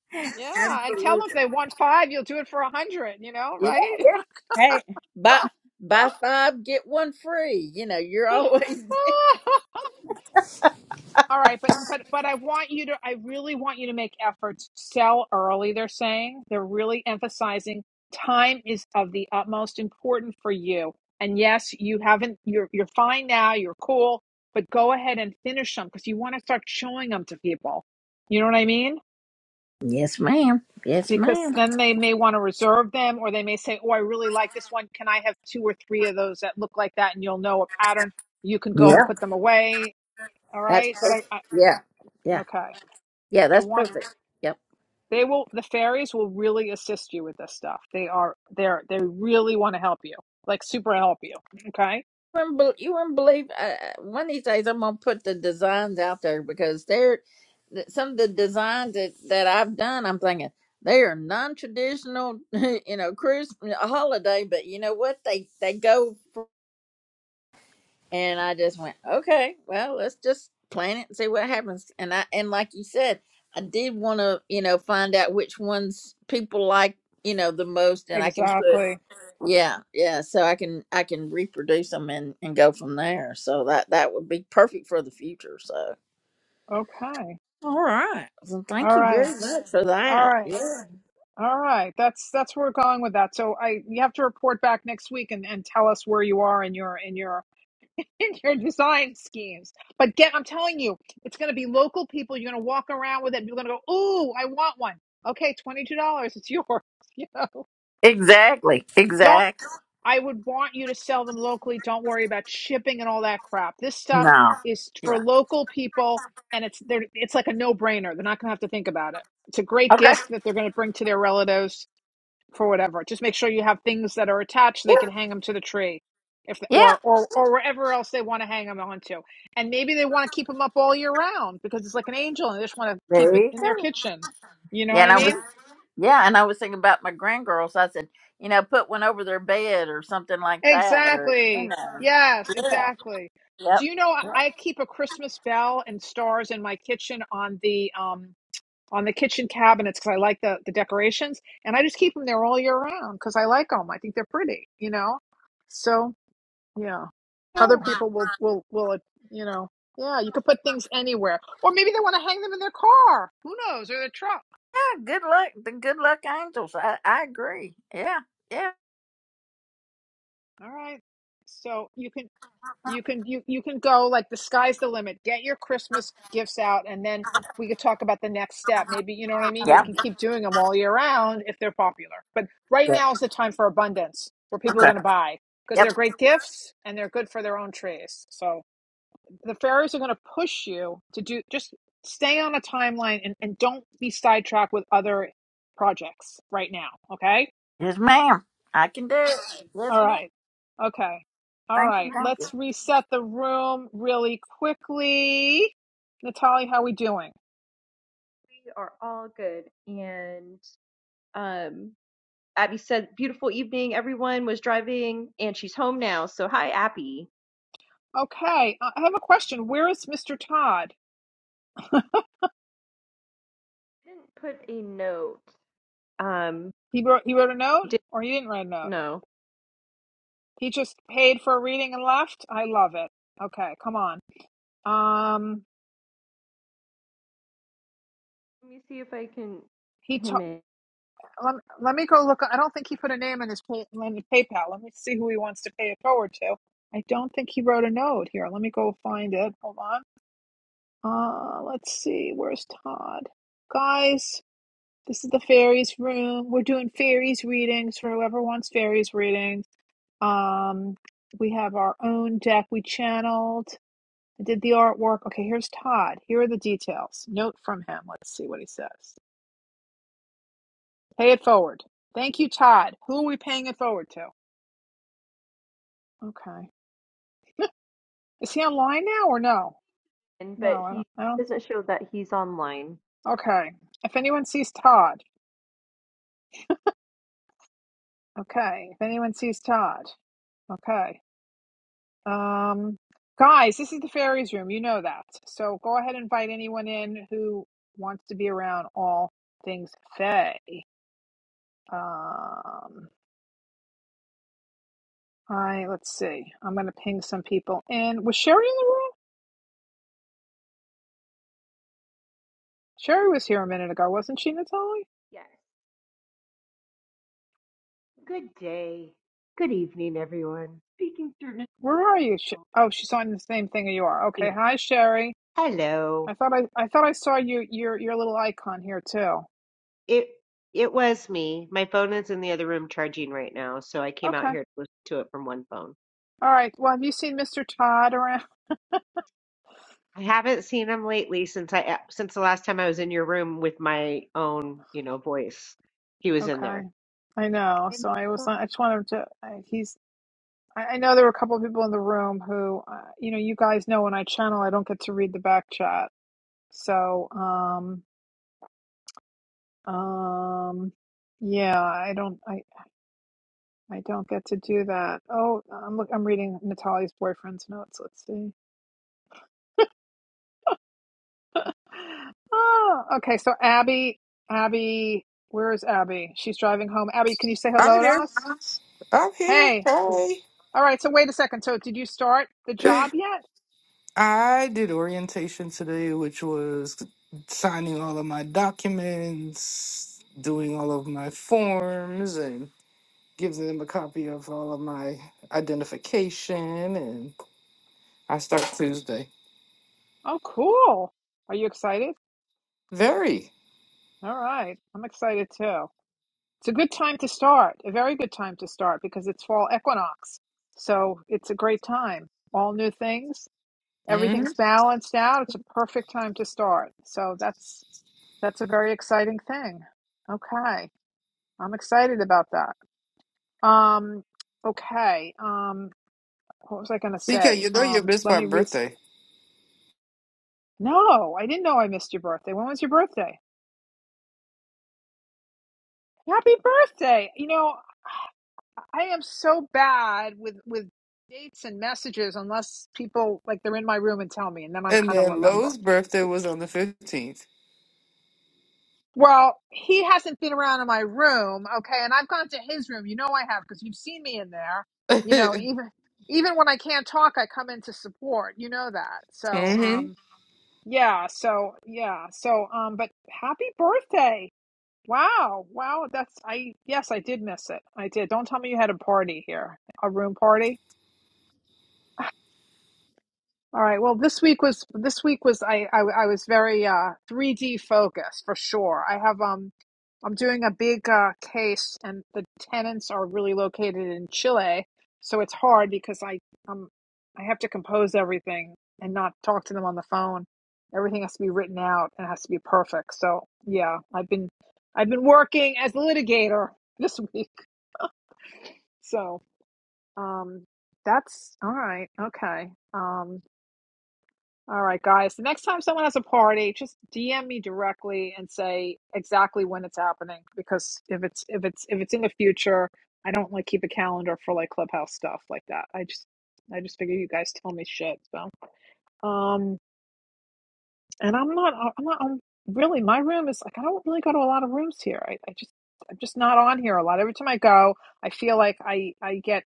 B: Yeah, and tell them if
G: absolutely.
B: they want five, you'll do it for a hundred. You know,
G: Yeah,
B: right?
G: yeah. Hey, buy buy five get one free. You know, you're always.
B: All right, but but but I want you to. I really want you to make efforts. Sell early. They're saying they're really emphasizing time is of the utmost important for you. And yes, you haven't. You're you're fine now. You're cool. But go ahead and finish them because you want to start showing them to people. You know what I mean?
G: yes, ma'am. Yes,
B: because
G: ma'am.
B: then they may want to reserve them or they may say oh i really like this one can i have two or three of those that look like that and you'll know a pattern you can go and
G: Yeah,
B: put them away all
G: that's
B: right but i,
G: perfect.
B: I
G: Yeah, yeah.
B: okay
G: Yeah,
B: i
G: that's
B: want
G: perfect. Yep.
B: they will the fairies will really assist you with this stuff they are they're they really want to help you like super help you okay
G: You wouldn't, bel- you wouldn't believe. Uh, one of these days, I'm gonna put the designs out there because they're th- some of the designs that that I've done. I'm thinking they are non-traditional, you know, cruise holiday. But you know what? They they go. For, and I just went, okay, well, let's just plan it and see what happens. And I and like you said, I did want to, you know, find out which ones people like, you know, the most, and I can put.
B: exactly
G: Yeah, yeah. So I can I can reproduce them and and go from there. So that that would be perfect for the future. So
B: okay
G: all right. Well, thank
B: all
G: you
B: right
G: very much for
B: all
G: that.
B: right
G: Yeah.
B: all right that's that's where we're going with that so i you have to report back next week and and tell us where you are in your in your in your design schemes. But get, I'm telling you, it's going to be local people. You're going to walk around with it. You're going to go, ooh, I want one. Okay, twenty two dollars. It's yours. You know,
G: Exactly.
B: don't.
G: Exactly.
B: I would want you to sell them locally. Don't worry about shipping and all that crap. This stuff
G: No.
B: is for
G: Yeah.
B: local people, and it's they're, it's like a no brainer. They're not going to have to think about it. It's a great
G: Okay.
B: gift that they're going to bring to their relatives for whatever. Just make sure you have things that are attached. so
G: Yeah.
B: They can hang them to the tree, if
G: Yeah.
B: or or or wherever else they want to hang them onto. And maybe they want to keep them up all year round because it's like an angel, and they just want to
G: There
B: keep it
G: you
B: in
G: go.
B: their kitchen. You know
G: Yeah,
B: what
G: and
B: I
G: I was
B: mean?
G: yeah, and I was thinking about my grandgirls. I said, you know, put one over their bed or something like that, or you
B: Exactly.
G: know,
B: Yes,
G: yeah,
B: exactly.
G: yep.
B: Do you know I
G: Yeah,
B: I keep a Christmas bell and stars in my kitchen on the um on the kitchen cabinets because I like the the decorations, and I just keep them there all year round because I like them. I think they're pretty. You know, so yeah. Other
G: cool.
B: people will will will uh, you know yeah you could put things anywhere or maybe they want to hang them in their car who knows or their truck
G: yeah, good luck, the good luck angels. I, I agree. Yeah, yeah,
B: all right so you can you can you you can go like the sky's the limit get your Christmas gifts out and then we could talk about the next step maybe you know what I mean you can
G: yeah.
B: keep doing them all year round if they're popular but right now is the time for abundance where people are
G: Okay.
B: going to buy because
G: Yep.
B: they're great gifts and they're good for their own trees so the fairies are going to push you to do just stay on a timeline and, and don't be sidetracked with other projects right now okay
G: Yes, ma'am. I can do it. Yes,
B: all
G: ma'am.
B: right okay all
G: Thank you.
B: right
G: Thank you.
B: let's reset the room really quickly natalie how are we doing
A: we are all good. And um, Abby said, "Beautiful evening." Everyone was driving, and she's home now. So, hi, Abby.
B: okay i have a question where is mr todd
A: Didn't put a note. Um,
B: he wrote he wrote a
A: you
B: note
A: did
B: or he didn't write a note
A: no.
B: he just paid for a reading and left i love it okay come on um
A: Let me see if I can
B: he
A: hit
B: ta-
A: him in.
B: let, let me go look. I don't think he put a name in his pay, in his PayPal. Let me see who he wants to pay it forward to. I don't think he wrote a note here. Let me go find it. Hold on. Uh, let's see. Where's Todd? Guys, this is the fairies room. We're doing fairies readings for whoever wants fairies readings. Um, we have our own deck. We channeled. I did the artwork. Okay, here's Todd. Here are the details. Note from him. Let's see what he says. Pay it forward. Thank you, Todd. Who are we paying it forward to? Okay. Is he online now or no?
A: in, but
B: No, I
A: he
B: don't, I don't.
A: doesn't show that he's online.
B: Okay. If anyone sees Todd, okay. If anyone sees Todd, okay. Um, guys, this is the fairies room. You know that. So go ahead and invite anyone in who wants to be around all things fae. Um, I let's see. I'm gonna ping some people in. Was Sherry in the room? Sherry was here a minute ago, wasn't she, Natalie?
A: Yes. Good day. Good evening, everyone. Speaking through
B: Where are you? Sh-
A: Nicole.
B: Oh, she's on the same thing as you are.
A: Yeah.
B: Okay. Hi, Sherry.
A: Hello.
B: I thought I, I thought I saw you your your little icon here too.
A: It it was me. My phone is in the other room charging right now, so I came out
B: Okay.
A: here to listen to it from one phone.
B: All right. Well, have you seen Mr. Todd around?
A: I haven't seen him lately since I uh, since the last time I was in your room with my own, you know, voice. He was in
B: Okay.
A: there.
B: I know.
A: And
B: So I
A: uh,
B: was I just wanted to I, he's I, I know there were a couple of people in the room who uh, you know you guys know when I channel I don't get to read the back chat. So um um yeah, I don't I I don't get to do that. Oh, I'm look I'm reading Natalie's boyfriend's notes. Let's see. Oh, okay. So Abby, Abby, where is Abby? She's driving home. Abby, can you say hello
H: I'm
B: to
H: here.
B: us?
H: I'm here.
B: Hey. All right. So wait a second. So did you start the
H: Hey.
B: job yet?
H: I did orientation today, which was signing all of my documents, doing all of my forms, and giving them a copy of all of my identification. And I start Tuesday.
B: Oh, cool. Are you excited?
H: Very.
B: All right. I'm excited too. It's a good time to start, a very good time to start because it's fall equinox. So it's a great time. All new things.
H: hmm
B: everything's balanced out. It's a perfect time to start. So that's that's a very exciting thing. Okay. I'm excited about that. Um okay. Um what was I going to
H: CK,
B: say?
H: you know you
B: Um
H: missed
B: let
H: my
B: me re
H: birthday.
B: No, I didn't know I missed your birthday. When was your birthday? Happy birthday. You know, I am so bad with with dates and messages unless people like they're in my room and tell me and then I'm
H: And
B: kind of
H: then
B: remember.
H: Lowe's birthday was on the 15th.
B: Well, he hasn't been around in my room, okay, and I've gone to his room. You know I have because you've seen me in there. You know, even even when I can't talk, I come in to support. You know that. So,
H: hmm
B: um, yeah, so yeah, so um, but happy birthday. Wow, wow, that's I yes, I did miss it. I did. Don't tell me you had a party here. A room party? All right. Well, this week was this week was I I, I was very uh 3D focused for sure. I have um I'm doing a big uh case and the tenants are really located in Chile, so it's hard because I um I have to compose everything and not talk to them on the phone. Everything has to be written out and has to be perfect. So, yeah, I've been I've been working as a litigator this week. So, um that's all right. Okay. Um. All right, guys. The next time someone has a party, just DM me directly and say exactly when it's happening because if it's if it's if it's in the future, I don't like keep a calendar for like clubhouse stuff like that. I just I just figure you guys tell me shit. So, um, and I'm not I'm not I'm really my room is like I don't really go to a lot of rooms here. I, I just I'm just not on here a lot. Every time I go, I feel like I I get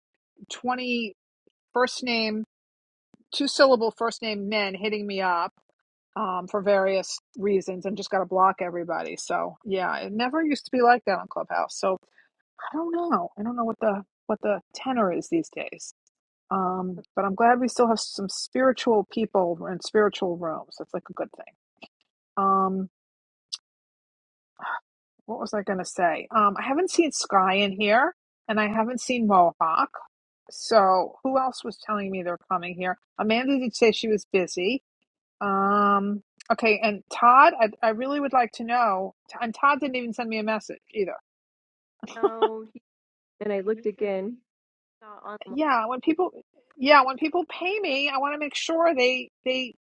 B: 20 first name two syllable first name men hitting me up um, for various reasons and just got to block everybody. So yeah, it never used to be like that on Clubhouse. So I don't know. I don't know what the what the tenor is these days. Um, but I'm glad we still have some spiritual people in spiritual rooms. That's like a good thing. Um, what was I going to say? Um, I haven't seen Sky in here, and I haven't seen Mohawk. So who else was telling me they're coming here? Amanda did say she was busy. Um, okay, and Todd, I, I really would like to know. And Todd didn't even send me a message either.
A: no, he, and I looked again, not online.
B: Yeah, when people, yeah, when people pay me, I want to make sure they they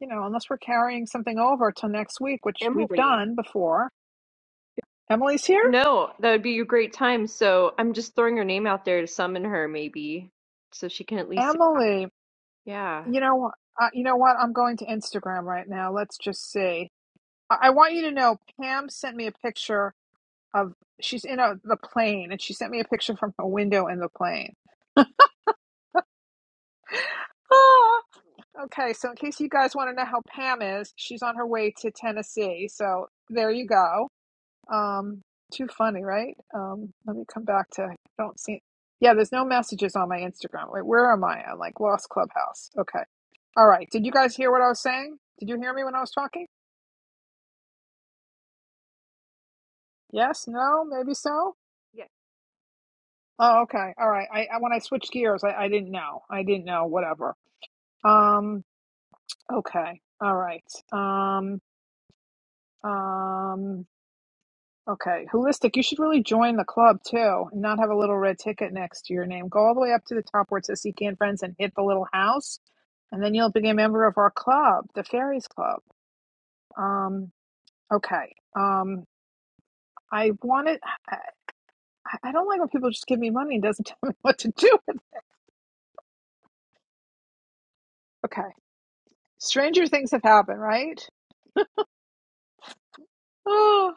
B: you know unless we're carrying something over till next week, which we've
A: Emily.
B: done before. Emily's here.
A: No, that would be a great time. So I'm just throwing her name out there to summon her, maybe, so she can at least.
B: Emily,
A: Yeah.
B: you know, uh, you know what? I'm going to Instagram right now. Let's just see. I, I want you to know. Pam sent me a picture of she's in a the plane, and she sent me a picture from a window in the plane. Oh. Okay, so in case you guys want to know how Pam is, she's on her way to Tennessee. So there you go. Um, too funny, right? Um, let me come back to. I don't see. Yeah, there's no messages on my Instagram. Wait, where am I? I'm like lost clubhouse. Okay. All right. Did you guys hear what I was saying? Did you hear me when I was talking? Yes. No. Maybe so.
A: Yeah,
B: Oh, okay. All right. I, I when I switched gears, I, I didn't know. I didn't know. Whatever. Um. Okay. All right. Um. Um. Okay, holistic. You should really join the club too, and not have a little red ticket next to your name. Go all the way up to the top where it says "Seek and Friends" and hit the little house, and then you'll be a member of our club, the Fairies Club. Um, okay. Um, I want it. I, I don't like when people just give me money and doesn't tell me what to do. with it. Okay. Stranger things have happened, right? Oh,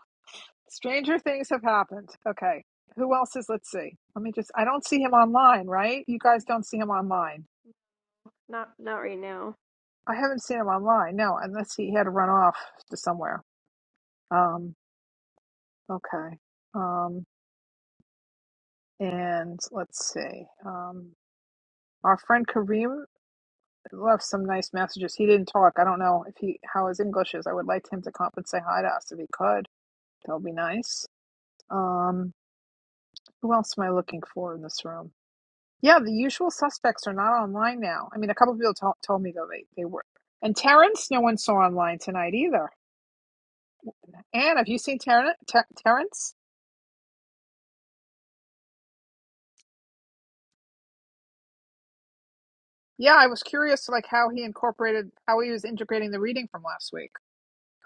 B: stranger things have happened. Okay. Who else is? Let's see. Let me just. I don't see him online, right? You guys don't see him online.
A: not not right now.
B: I haven't seen him online. No, unless he had to run off to somewhere. Um, okay. Um, and let's see. Um, our friend Kareem left some nice messages. He didn't talk. I don't know if he how his English is. I would like him to come up and say hi to us if he could. That would be nice. Um, who else am I looking for in this room? Yeah, the usual suspects are not online now. I mean, a couple of people to- told me though they they were. And Terrence, no one saw online tonight either. Anne, have you seen Terren Ter- Terrence? Yeah, I was curious like how he incorporated how he was integrating the reading from last week.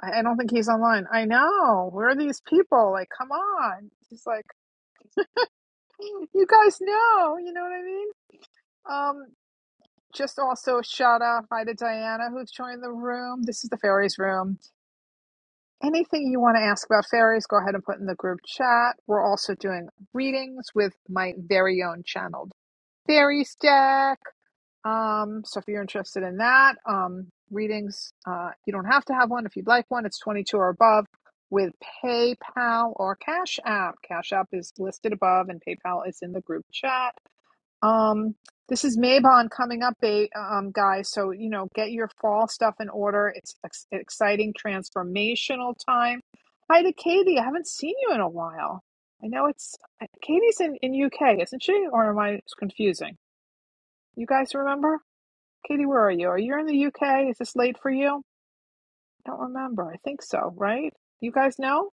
B: I, I don't think he's online. I know. Where are these people? Like, come on. He's like, "Mm, you guys know, you know what I mean? Um, just also a shout out hi to Diana who's joined the room. This is the fairies room. Anything you want to ask about fairies, go ahead and put in the group chat. We're also doing readings with my very own channeled fairies deck. Um, so if you're interested in that, um, readings, uh, you don't have to have one. If you'd like one, it's 22 or above with PayPal or Cash App. Cash App is listed above and PayPal is in the group chat. Um, this is Maybon coming up, um, guys. So, you know, get your fall stuff in order. It's ex- exciting, transformational time. Hi to Katie. I haven't seen you in a while. I know it's Katie's in, in UK, isn't she? Or am I confusing? You guys remember? Katie, where are you? Are you in the UK? Is this late for you? I don't remember. I think so, right? You guys know?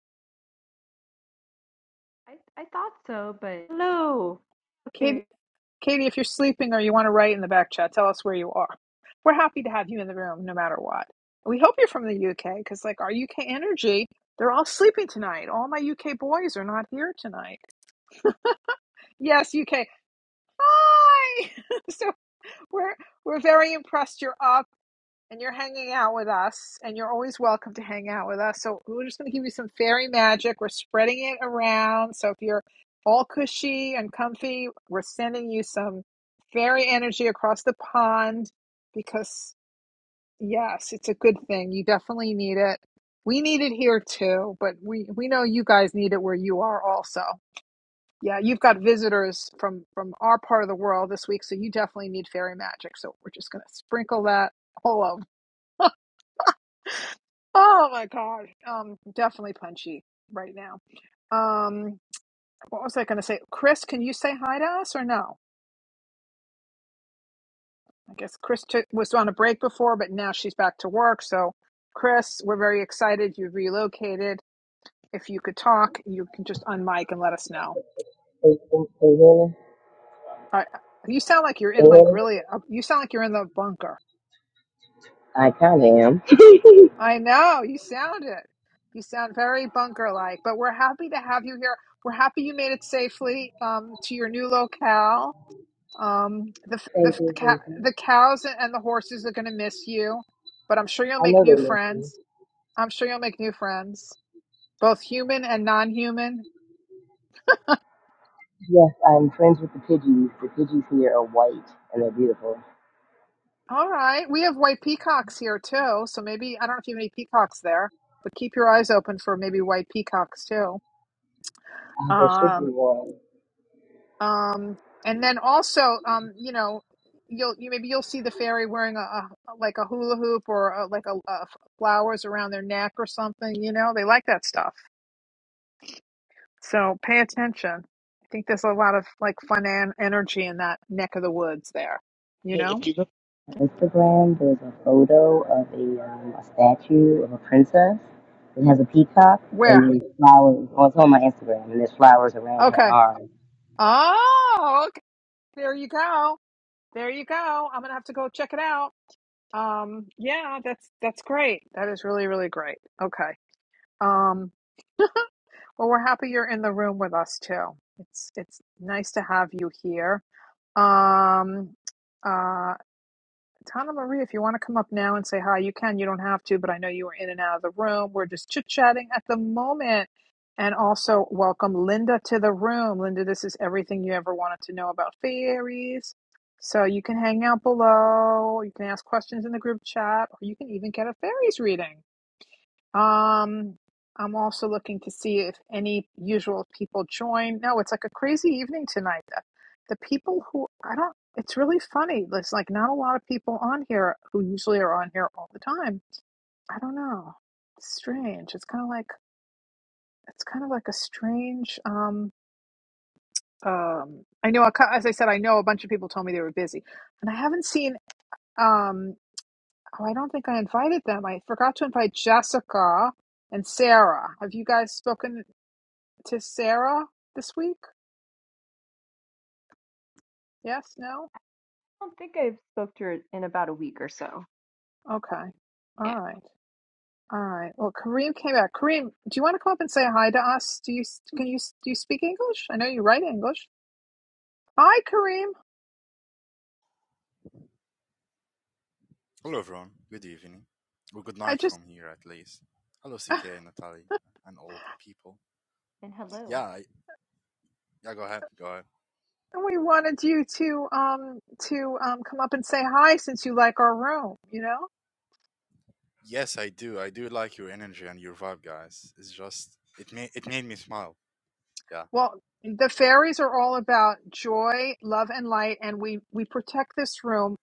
A: I I thought so, but I Hello up
B: Katie,
A: there.
B: Katie, if you're sleeping or you want to write in the back chat, tell us where you are. We're happy to have you in the room no matter what. We hope you're from the UK because, like, our UK energy, they're all sleeping tonight. All my UK boys are not here tonight. Yes, UK. Hi! so we're we're very impressed you're up. and you're hanging out with us, and you're always welcome to hang out with us. So we're just going to give you some fairy magic. We're spreading it around. So if you're all cushy and comfy, we're sending you some fairy energy across the pond because, yes, it's a good thing. You definitely need it. We need it here too, but we, we know you guys need it where you are also. Yeah, you've got visitors from from our part of the world this week, so you definitely need fairy magic. So we're just going to sprinkle that all over. Oh my God. Um, definitely punchy right now. Um, what was I going to say? Chris, can you say hi to us or no? I guess Chris took, was on a break before, but now she's back to work. So, Chris, we're very excited. You relocated. If you could talk, you can just unmic and let us know.
I: Can can- can you hear me?
B: I, you sound like you're
I: Can
B: in
I: hear
B: like
I: me?
B: really. a- You sound like you're in the bunker.
I: I kind of am.
B: I know you sound it. You sound very bunker-like. But we're happy to have you here. We're happy you made it safely um, to your new locale Um, the the
I: Thank
B: f- the,
I: you,
B: cow,
I: thank you.
B: the cows and and the horses are going to miss you, but I'm sure you'll
I: I
B: make
I: know they
B: new
I: miss me.
B: friends. I'm sure you'll make new friends, both human and non-human.
I: Yes, I'm friends with the Pidgeys. The Pidgeys here are white and they're beautiful.
B: All right, we have white peacocks here too, so maybe I don't know if you have any peacocks there, but keep your eyes open for maybe white peacocks too.
I: Uh, there should be
B: Um,
I: one.
B: um, and then also, um, you know, you'll you maybe you'll see the fairy wearing a, a like a hula hoop or a, like a, a flowers around their neck or something. You know, they like that stuff. So pay attention. I think there's a lot of like fun and energy in that neck of the woods there. You
I: Hey,
B: know?
I: if you look on Instagram, there's a photo of a, um, a statue of a princess that has a peacock
B: Where?
I: and there's flowers. Well, it's on my Instagram and there's flowers around her
B: Okay.
I: arm.
B: Oh, okay. There you go. There you go. I'm gonna have to go check it out. Um, yeah, that's that's great. That is really, really great. Okay. Um, well we're happy you're in the room with us too. It's it's nice to have you here. Um uh, Tana Marie, if you want to come up now and say hi, you can. You don't have to, but I know you were in and out of the room. We're just chit chatting at the moment. And also, welcome Linda to the room. Linda, this is everything you ever wanted to know about fairies. So you can hang out below, you can ask questions in the group chat, or you can even get a fairies reading. Um, I'm also looking to see if any usual people join. No, it's like a crazy evening tonight. The the people who I don't, it's really funny. There's like not a lot of people on here who usually are on here all the time. I don't know. It's strange. It's kind of like it's kind of like a strange. Um, um, I know. a cou- As I said, I know a bunch of people told me they were busy, and I haven't seen. Um, oh, I don't think I invited them. I forgot to invite Jessica and Sarah. Have you guys spoken? to Sarah this week? Yes, no?
A: don't think I've spoke to her in about a week or so.
B: Okay. All
A: Yeah.
B: right. All right. Well, Kareem came back. Kareem, do you want to come up and say hi to us? Do you can you do you speak English? I know you write English. Hi, Kareem.
J: Hello, everyone. Good evening, or good
B: I
J: night
B: just
J: from here, at least. Hello, CK, Natalie, and all the people.
A: And hello.
J: Yeah, I, yeah. Go ahead. Go ahead.
B: we wanted you to um to um come up and say hi since you like our room, you know?
J: Yes, I do. I do like your energy and your vibe, guys. It's just it made it made me smile. Yeah,
B: Well, the fairies are all about joy, love and light and we we protect this room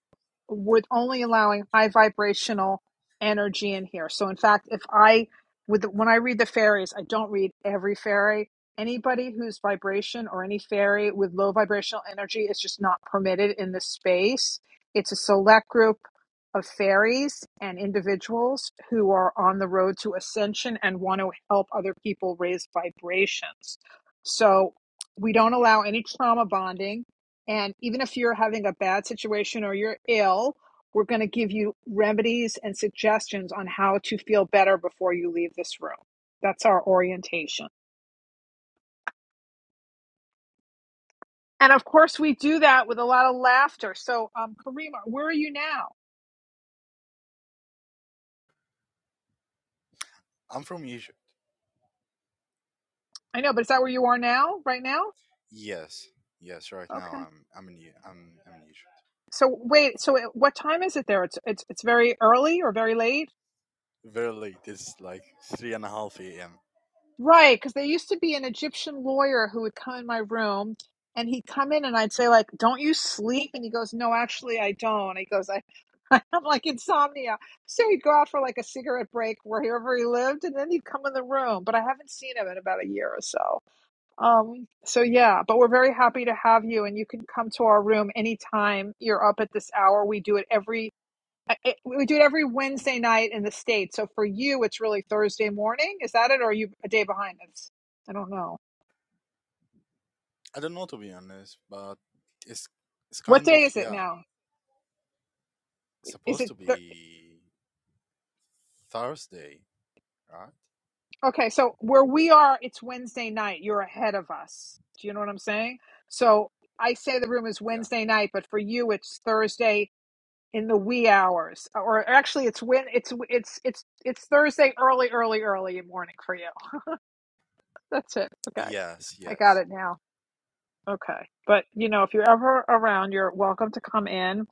B: with only allowing high vibrational energy in here. So in fact, if I with when I read the fairies, I don't read every fairy. Anybody whose vibration or any fairy with low vibrational energy is just not permitted in this space. It's a select group of fairies and individuals who are on the road to ascension and want to help other people raise vibrations. So we don't allow any trauma bonding and even if you're having a bad situation or you're ill, we're going to give you remedies and suggestions on how to feel better before you leave this room. That's our orientation. And of course, we do that with a lot of laughter. So, um, Karima, where are you now?
J: I'm from Egypt.
B: I know, but is that where you are now, right now?
J: Yes, yes. Right now,
B: Okay.
J: I'm I'm in E- I'm I'm in Egypt.
B: So wait, so uh, what time is it there? It's it's it's very early or very late?
J: Very late. It's like three and a half a.m.
B: Right, because there used to be an Egyptian lawyer who would come in my room and he'd come in and I'd say, like, don't you sleep? And he goes, No, actually I don't. He goes, I I'm like insomnia. So he'd go out for like a cigarette break wherever he lived and then he'd come in the room. But I haven't seen him in about a year or so. Um, so yeah, but we're very happy to have you and you can come to our room anytime you're up at this hour. We do it every I- it, we do it every Wednesday night in the States. So for you, it's really Thursday morning. Is that it? Or are you a day behind us? I don't know.
J: I don't know to be honest, but it's it's
B: What
J: kind of
B: day is it
J: yeah
B: now? Is
J: supposed
B: it
J: to
B: th-
J: be Thursday, right?
B: okay? So where we are, it's Wednesday night. You're ahead of us. Do you know what I'm saying? So I say the room is
J: Yeah.
B: Wednesday night, but for you, it's Thursday in the wee hours, or actually, it's when it's it's it's it's Thursday early, early, early morning for you. That's it. Okay,
J: Yes,
B: I
J: yes.
B: got it now. Okay. But you know, if you're ever around, you're welcome to come in.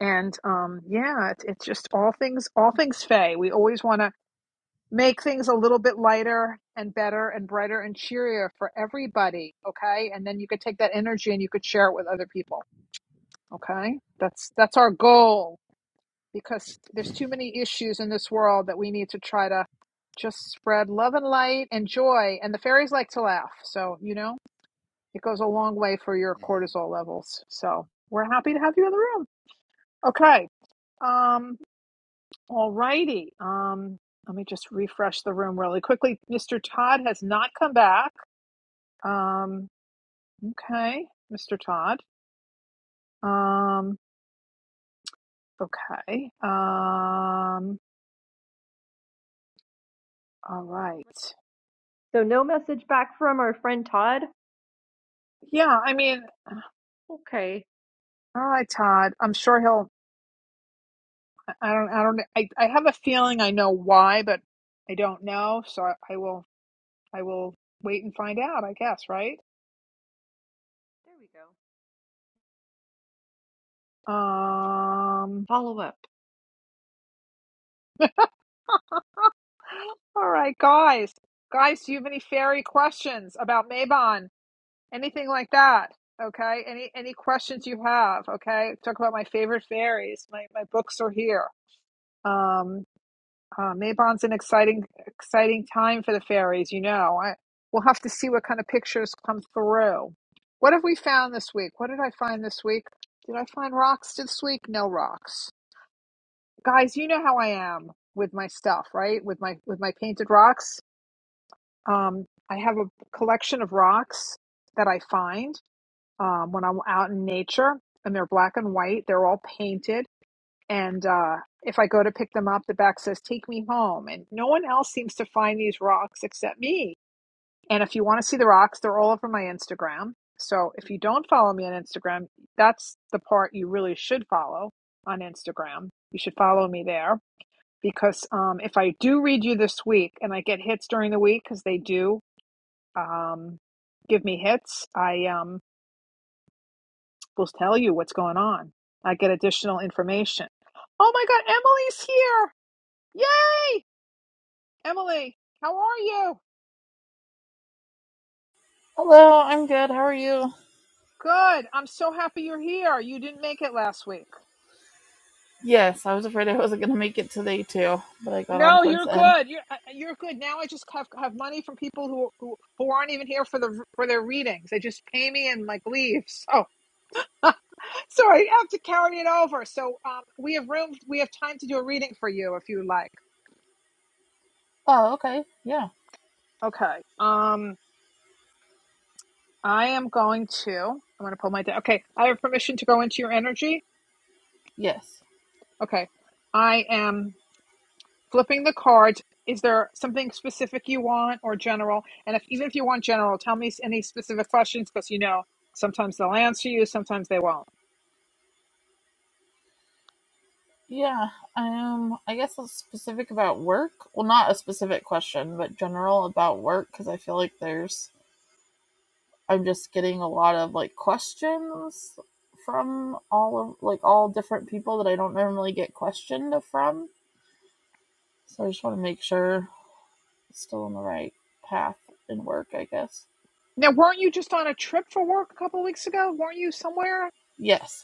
B: And um, yeah, it's, it's just all things, all things Faye. We always want to make things a little bit lighter and better and brighter and cheerier for everybody. Okay, and then you could take that energy and you could share it with other people. Okay, that's that's our goal because there's too many issues in this world that we need to try to just spread love and light and joy. And the fairies like to laugh, so you know it goes a long way for your
J: hmm
B: cortisol levels. So we're happy to have you in the room. Okay. Um, all righty. Um, let me just refresh the room really quickly. Mr. Todd has not come back. Um, okay, Mr. Todd. Um, okay. Um, all right.
A: So no message back from our friend Todd.
B: Yeah, I mean,
A: Okay.
B: all right, Todd. I'm sure he'll. I don't. I don't. I, I have a feeling I know why, but I don't know. So I, I will. I will wait and find out. I guess. Right.
A: There we go.
B: Um.
A: Follow up.
B: All right, guys. Guys, do you have any fairy questions about Maybon? Anything like that? Okay. Any any questions you have? Okay. Talk about my favorite fairies. My my books are here. Um. Uh, Maybon's an exciting exciting time for the fairies. You know. I, we'll have to see what kind of pictures come through. What have we found this week? What did I find this week? Did I find rocks this week? No rocks. guys you know how i am with my stuff right with my with my painted rocks um i have a collection of rocks that i find um when i'm out in nature and they're black and white they're all painted and uh if i go to pick them up the back says take me home and no one else seems to find these rocks except me and if you want to see the rocks they're all over my instagram so if you don't follow me on instagram that's the part you really should follow on instagram you should follow me there because um, if I do read you this week and I get hits during the week, because they do um, give me hits, I um, will tell you what's going on. I get additional information. Oh my God, Emily's here! Yay, Emily! How are you?
K: Hello, I'm good. How are you? Yes, I was afraid I wasn't going to make it today too, but I got on towards the end.
B: Who aren't here for the for their re- pay me and like leave? so I have to carry it over.
K: Oh, okay. Yeah.
B: Um, I am. I have to go into.
K: Yes.
B: I am cards. Is there general? If you want general, times, you know, sometimes they'll answer. Sometimes they won't.
K: Yeah. Um, I guess it's specific about work. Well, not a specific question, but general about work because I feel like there's I'm just getting a lot of like questions from all of like all different people that I don't normally get questioned from. So I just want to make sure it's still on the right path in work, I guess.
B: Just on a trip for work ago.
K: Yes.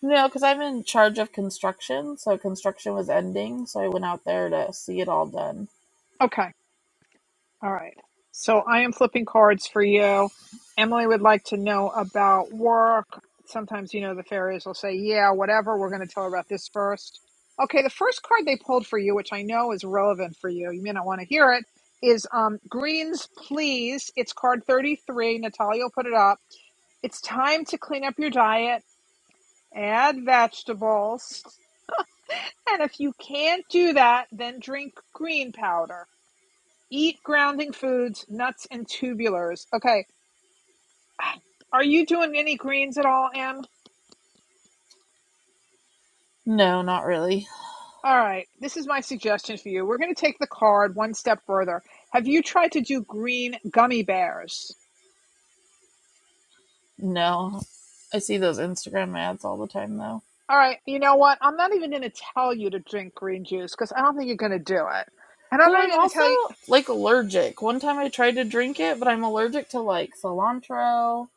K: No, because I'm in charge of construction, so construction was ending, so I went out there to see it all done.
B: So I am flipping cards for you about, okay, the first is relevant. I hear it. 30, put it up. Time to your diet, add vegetables. Can't do that. Grounding. Okay, are you doing things at all in
K: No, not really.
B: the card?
K: No. I see those Instagram ads all the time, though.
B: Because I don't think you could do it. And I'm
K: Well,
B: not
K: I'm
B: even,
K: also like allergic. One time I tried to drink it, but I'm allergic to like cilantro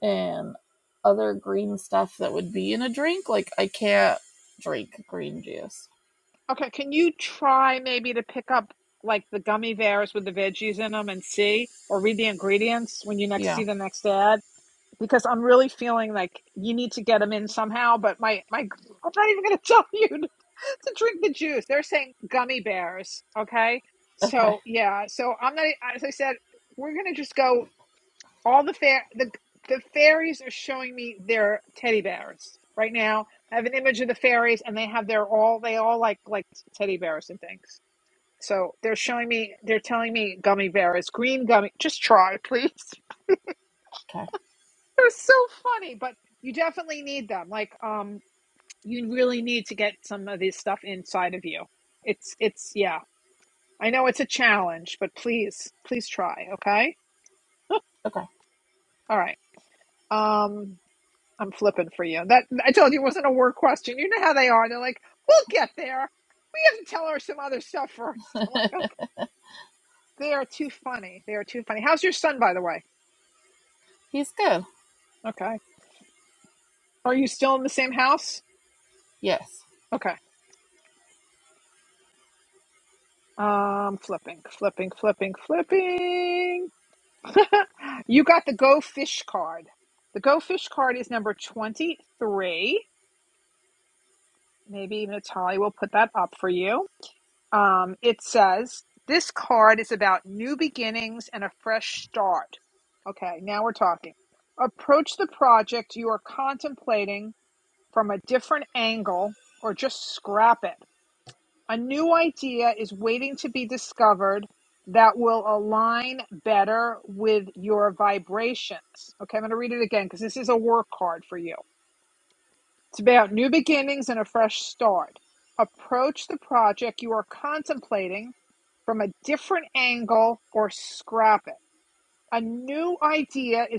K: and other green stuff that would be in a drink. Like, I can't drink green juice.
B: can you try, man?
K: Yeah.
B: I'm really feeling how, but I'm not even going to tell you. Okay,
K: Okay.
B: so yeah, just go with there. They're now, they're all, they all like, so gummy bears, green gummy, just try.
K: Okay.
B: You really need, I know it's a challenge Okay.
K: Okay.
B: Um, I told you it wasn't a word question. You know how they are. They're, Well, you're
K: He's good.
B: still in the same house.
K: Yes.
B: Eh, The go fish card is three. Um, it says card is about start the project played an angle discover that will align better with your vibe. The work it's about new beginning, a fresh start. Approach the project angle, scrap it. New idea is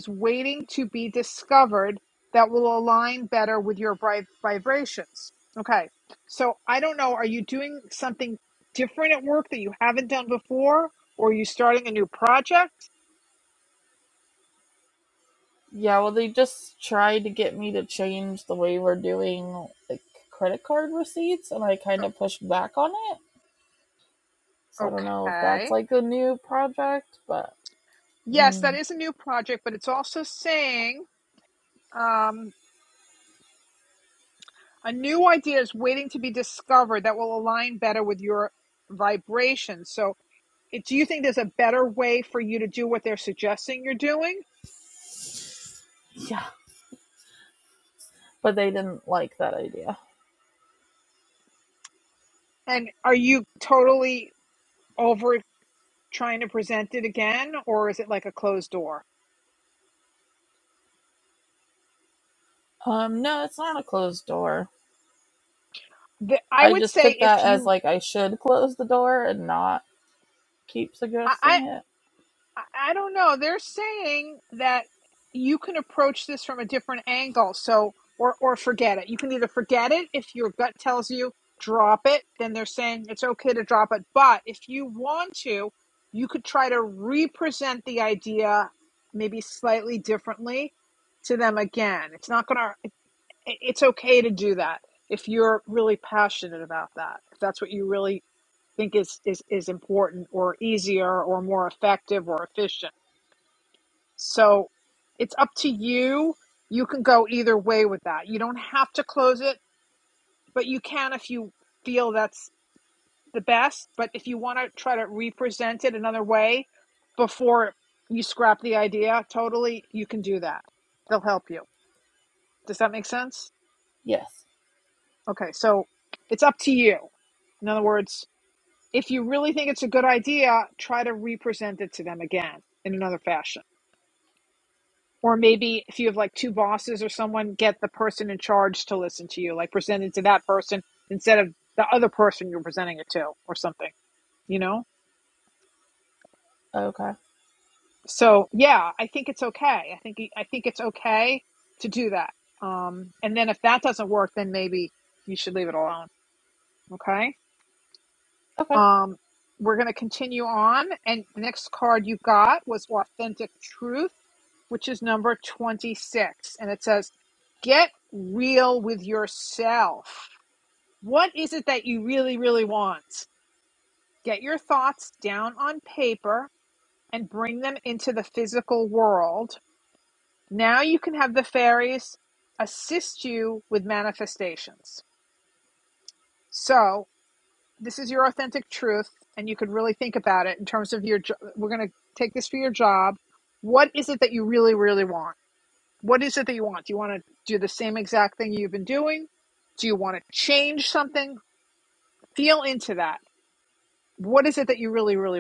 B: discovered that will align. I don't know. Are you different at work than before, or are you starting a new project?
K: Yeah, well, they just tried to get me to change the way we're doing like credit card receipts, and I kind of pushed back on it. So I don't know if
B: Okay.
K: that's like a new project, but mm,
B: Saying um, new idea better with your migration. Do you think there's a better way to do what they're doing?
K: yeah, but they didn't like that idea.
B: Are you totally over it again, or is it?
K: Um, no, it's not a closed door.
B: I
K: I
B: would
K: just took
B: say,
K: that as like I should close the door and not keep suggesting it.
B: oh no, that approach. So drop it, to drop it. But if you want to try to re idea again, not going to okay to do if you're really passionate, you really important, easier or more. So you can go either way with it. close it. Feel that's the best the way for the idea totally.
K: Yes.
B: So to you, in other words, you really think it's a good idea, try to, re- or maybe charge to that person instead of the other person, you know?
K: Okay.
B: So yeah, okay, okay, okay.
K: Okay.
B: Um, continue on. Card you got. Get real with sell. What is really, really want? Your thoughts, physical world. Now you can see the fairies. So is your authentic truth. You could really think about it. Your job. What is it that you really, really want? What is it exactly you're doing? change feel in what is it that you really really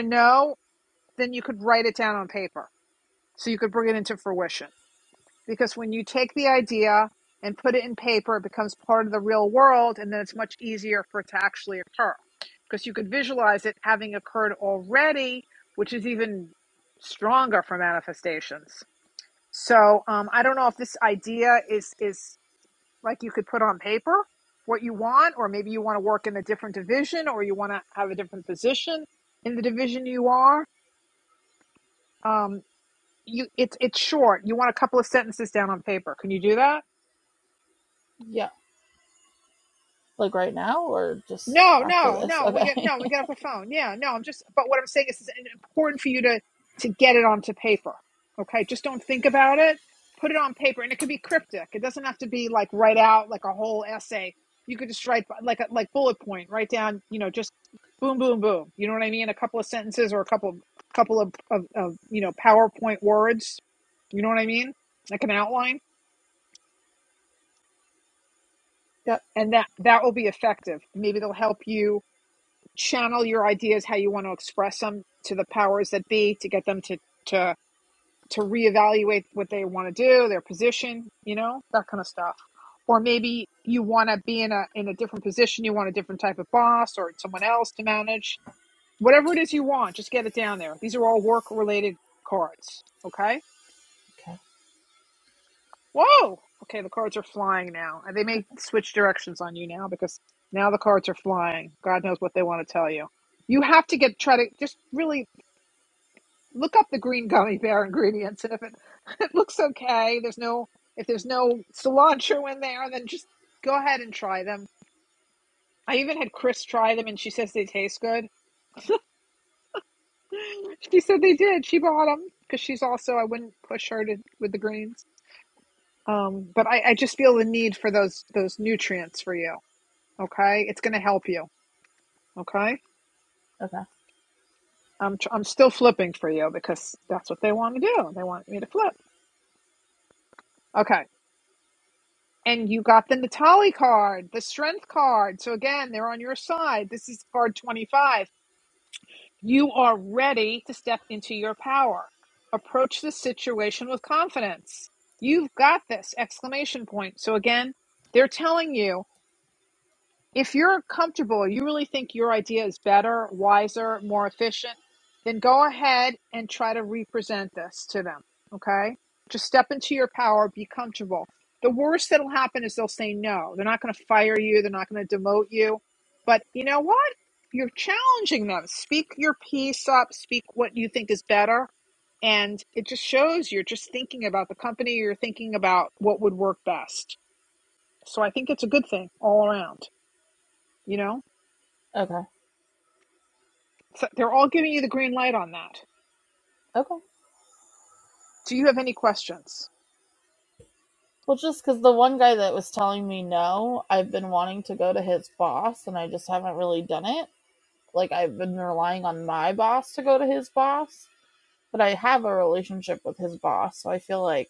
B: know write it down on paper to bring it into fruition take the idea and put it in paper as part of the real world and to actually visualize it already stronger for manifest so um, i don't know if this idea is to put on paper you want or you are um, short you want to come you do that
K: Yeah. Like right now or just after this? Okay.
B: important for you to, to get it on to think about it like write out like bullet boom boom boom a couple of powerpoint words you know what i mean outline
K: yep.
B: and that help you channel your ideas how you want the powers that be to, to reevaluate what you want to do. you want to be the boss or someone else, whatever.
K: Okay.
B: Whoa! Now the cards are. You have to get try to really mean gummy bear ingredients. Okay, there's no cilantro. Let's try them. And she said they did. She bought them. She's also I went um spiel the need. Okay, it's okay.
K: Okay.
B: I'm gonna do. You got the Natali card card. So again, side 35. You are ready, confident. You've got. Them. So again, telling If you're comfortable, you really think your idea is better, wiser, okay? To your power. The worst that'll happen, you know, they're not going to fire you, they're not gonna demote you. You know what? Challenge yourself is better and shows your company you're thinking about all around.
K: Okay.
B: They're all giving you the green light on,
K: Okay. Well, just because the one guy that was telling me no, I've been wanting to go to his boss and I just haven't really done it. Like, I've been relying on my boss to go to his boss, but I have a relationship with his boss. So I feel like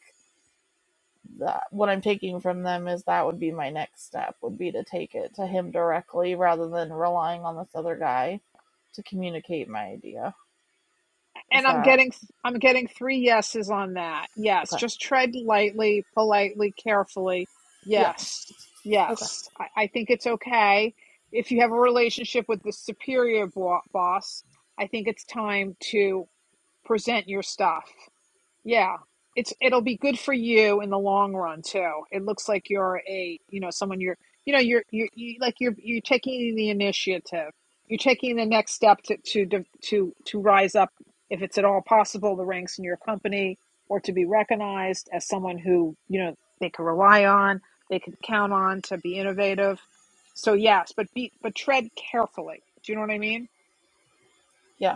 K: that what I'm taking from them is that would be my next step, would be to take it to him directly rather than relying on this other guy to communicate my idea.
B: it.
K: Is
B: and I'm
K: that
B: getting three yeses on that. yes.
K: okay?
B: People like,
K: Yeah. Okay.
B: okay, if you have a relationship, period, boss, to stuff. It'll be for you in the long run too. Like you're, you know, you're in the initiative. picking the next to to rise up. It's at all possible to be reckoned who to rely on, count on.
K: Yeah.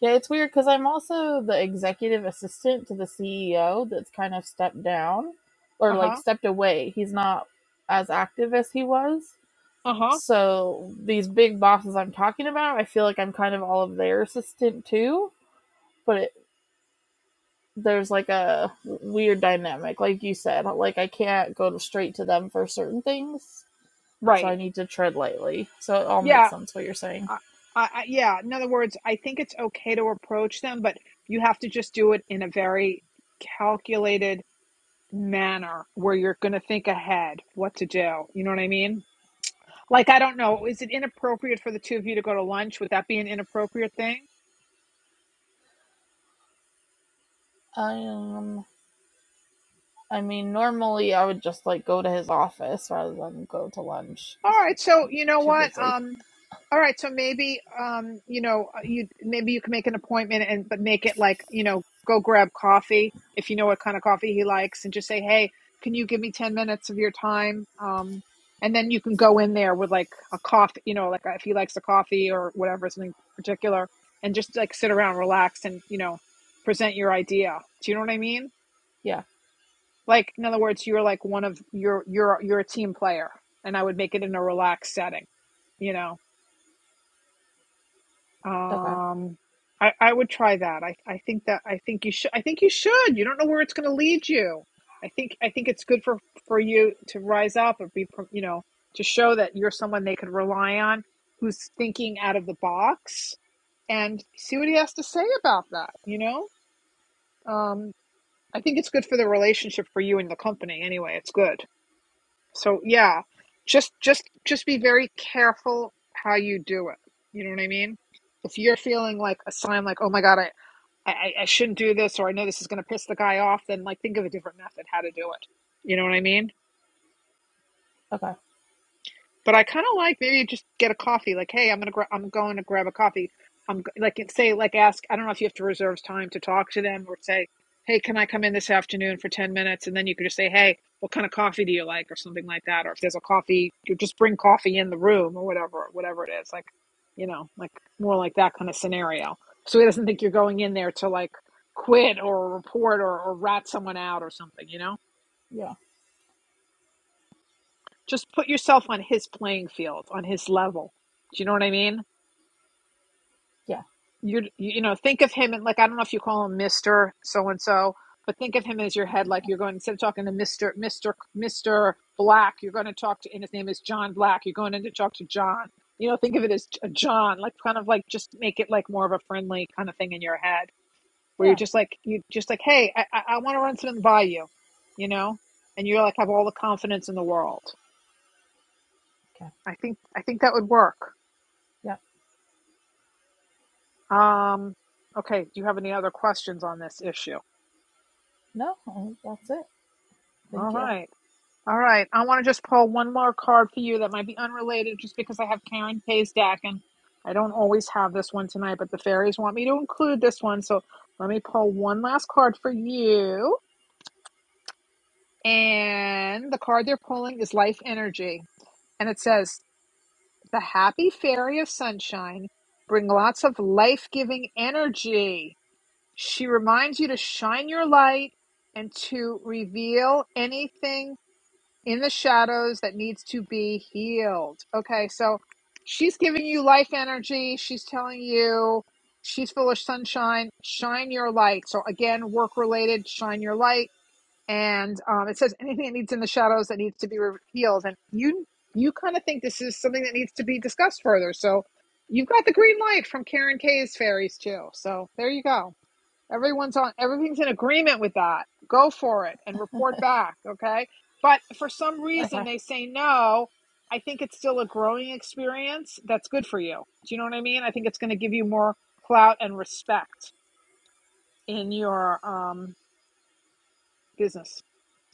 K: Yeah, it's weird because I'm also the executive assistant to the CEO that's kind of stepped down or like stepped away. He's not as active as he was. So these big bosses I'm talking about, I feel like I'm kind of all of their assistant too. But it, there's like a weird dynamic, like you said. Like I can't go to- straight to them for certain things, so I need to tread lightly. So it all makes sense what you're saying.
B: Cato approach. You have to just do it in a very calculated manner where you're going ahead to do. You know what I mean? Like I don't know
K: Um, I mean, normally I would just like go to his office rather than go to lunch 'cause I'm too busy.
B: coffee. Hey, hey, go in there, coffee if he likes the coffee. Or
K: Yeah.
B: in other words, you're like you're.
K: Okay.
B: I would try that. You should. You don't know where it's going to lead you for you to rise up and show that you could rely on out of the box. See what he has to say about. It. Good for the relationship It's good. Yeah. Be very careful how you do feeling sign like, oh my God, I, I, I shouldn't do this or the guy off. You know what I mean?
K: Okay.
B: But I kind of like maybe just a coffee. Like, hey, I'm going to say, like, ask, hey, can I come in this afternoon? Say, hey, coffee, do you like coffee? Just bring coffee in the room or whatever. More like, so he doesn't quit or report or, or rats
K: Yeah.
B: yourself on this level. Do you know what I mean?
K: Yeah.
B: You you call him Mr. So and so, Mr. Black, John Black, John. Think of it as a John, like kind of like more of a had where you're
K: Yeah.
B: just like, hey, I, want to run something by you. And you like, have all the cards in the world.
K: Okay.
B: It would work.
K: Yeah.
B: Um,
K: No, that's it. Thank you.
B: I want to just pull one more card for you and always have the fairies won't include this. Pull one card for you. And the card there is life. It says, happy fairy, bring lots of life energy. It Reminds you, shine your light, reveal shadows that you life and do. These foolish are light. So again, work related. Um, it says anything that needs in the shadows that needs to be revealed. And you further. So about the green light from Karen Kay's fairies. Things in agreement with that. Go for it. But
K: Okay.
B: more clout.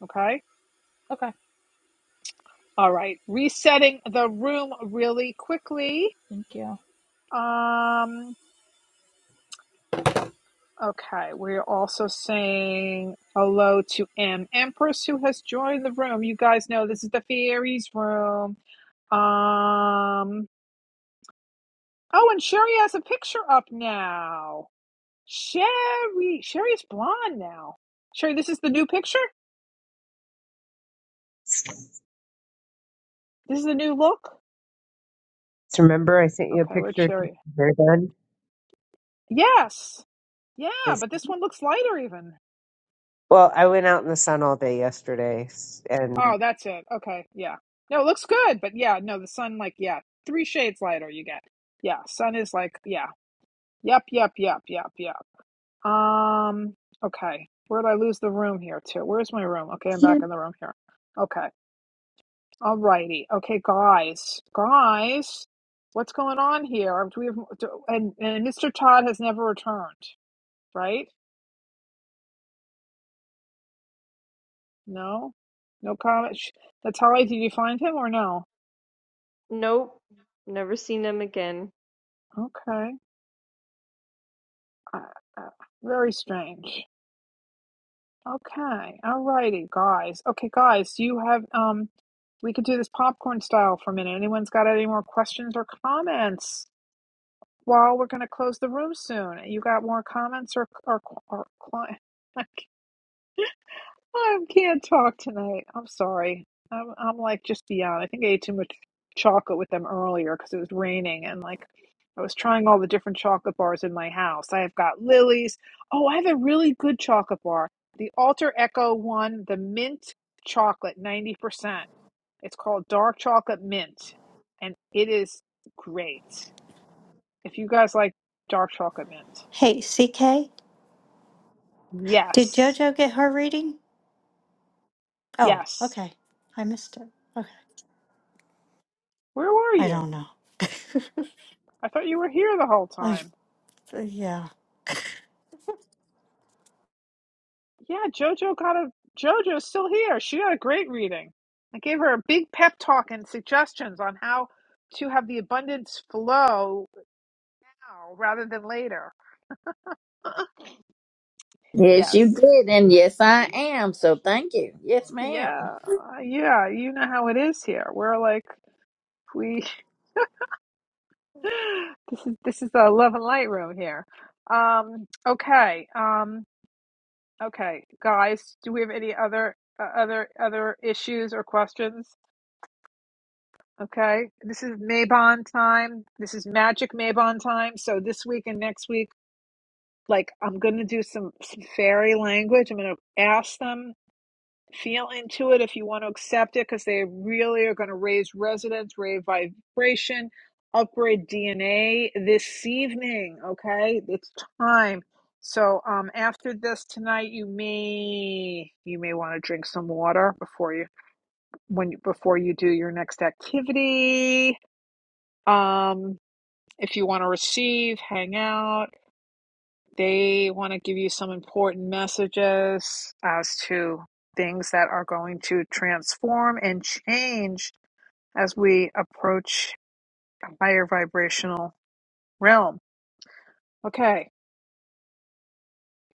B: Okay.
K: Okay.
B: All right. Setting really
K: Thank you.
B: um you're also saying hello to you guys in the fairies room. Um oh and Sherry has a picture up now. Sherry Sherry is blonde now. Sherry, this is the new picture?
L: So
B: This is the new look?
L: remember, I sent you a
B: Okay, where's
L: picture of your
B: Sherry?
L: hair done.
B: Yes. Yeah,
L: This
B: but this one looks lighter even.
L: well, I went out in the sun all day yesterday, s- and
B: Oh, that's it. Okay, yeah. No, it looks good, but yeah, no, the sun, like, yeah, three shades lighter you get. Yeah, sun is like, yeah. Yep, yep, yep, yep, yep. Um, okay. Where'd I lose the room here to? Where's my room? Okay, I'm back in the room here. Okay. All righty. Okay, guys. Guys, what's going on here? Do we have do, and and Mr. Todd has never returned, right? No? No comment. Sh- That's how I did you find him or no?
A: Nope. Never seen him again.
B: Okay. Uh, uh, very strange. Okay. Alrighty, guys. Okay, guys, you have um we could do this popcorn style for a minute. Anyone's got any more questions or comments? While we're going to close the room soon. You got more comments or or or cli- I can't talk tonight. I'm sorry. I'm, I'm like just beyond. I think I ate too much chocolate with them earlier because it was raining and like I was trying all the different chocolate bars in my house. I have got Lily's. Oh, I have a really good chocolate bar. The Alter Echo one, the mint chocolate, 90%. It's called Dark Chocolate Mint and it is great. If you guys like dark chocolate mint.
E: Hey, CK, did
B: Yes.
E: JoJo get her reading? Oh,
B: Yes.
E: okay. I missed it. Okay.
B: Where were
E: I
B: you?
E: don't know.
B: I thought you were here the whole
E: I
B: time.
E: yeah.
B: Yeah, JoJo got a JoJo's still here. She got a great reading. I gave her a big pep talk and suggestions on how to have the abundance flow now rather than later.
G: Yes, you
B: Yes.
G: did. And yes, I am. So thank you. Yes, ma'am.
B: Yeah, yeah, you know how it is here. We're like we this is this is the love and light room here. Um okay. Um okay, guys, do we have any other uh, other other issues or questions? Okay, this is Maybon time. This is magic Maybon time. So this week and next week, like I'm gonna do some, some fairy language. I'm gonna ask them, feel into it if you want to accept it, because they really are gonna raise resonance, raise vibration, upgrade DNA this evening. Okay, it's time. So um, after this tonight, you may you may want to drink some water before you when you, before you do your next activity um, if you want to receive, hang out. They want to give you some important messages as to things that are going to transform and change as we approach a higher vibrational realm. Okay.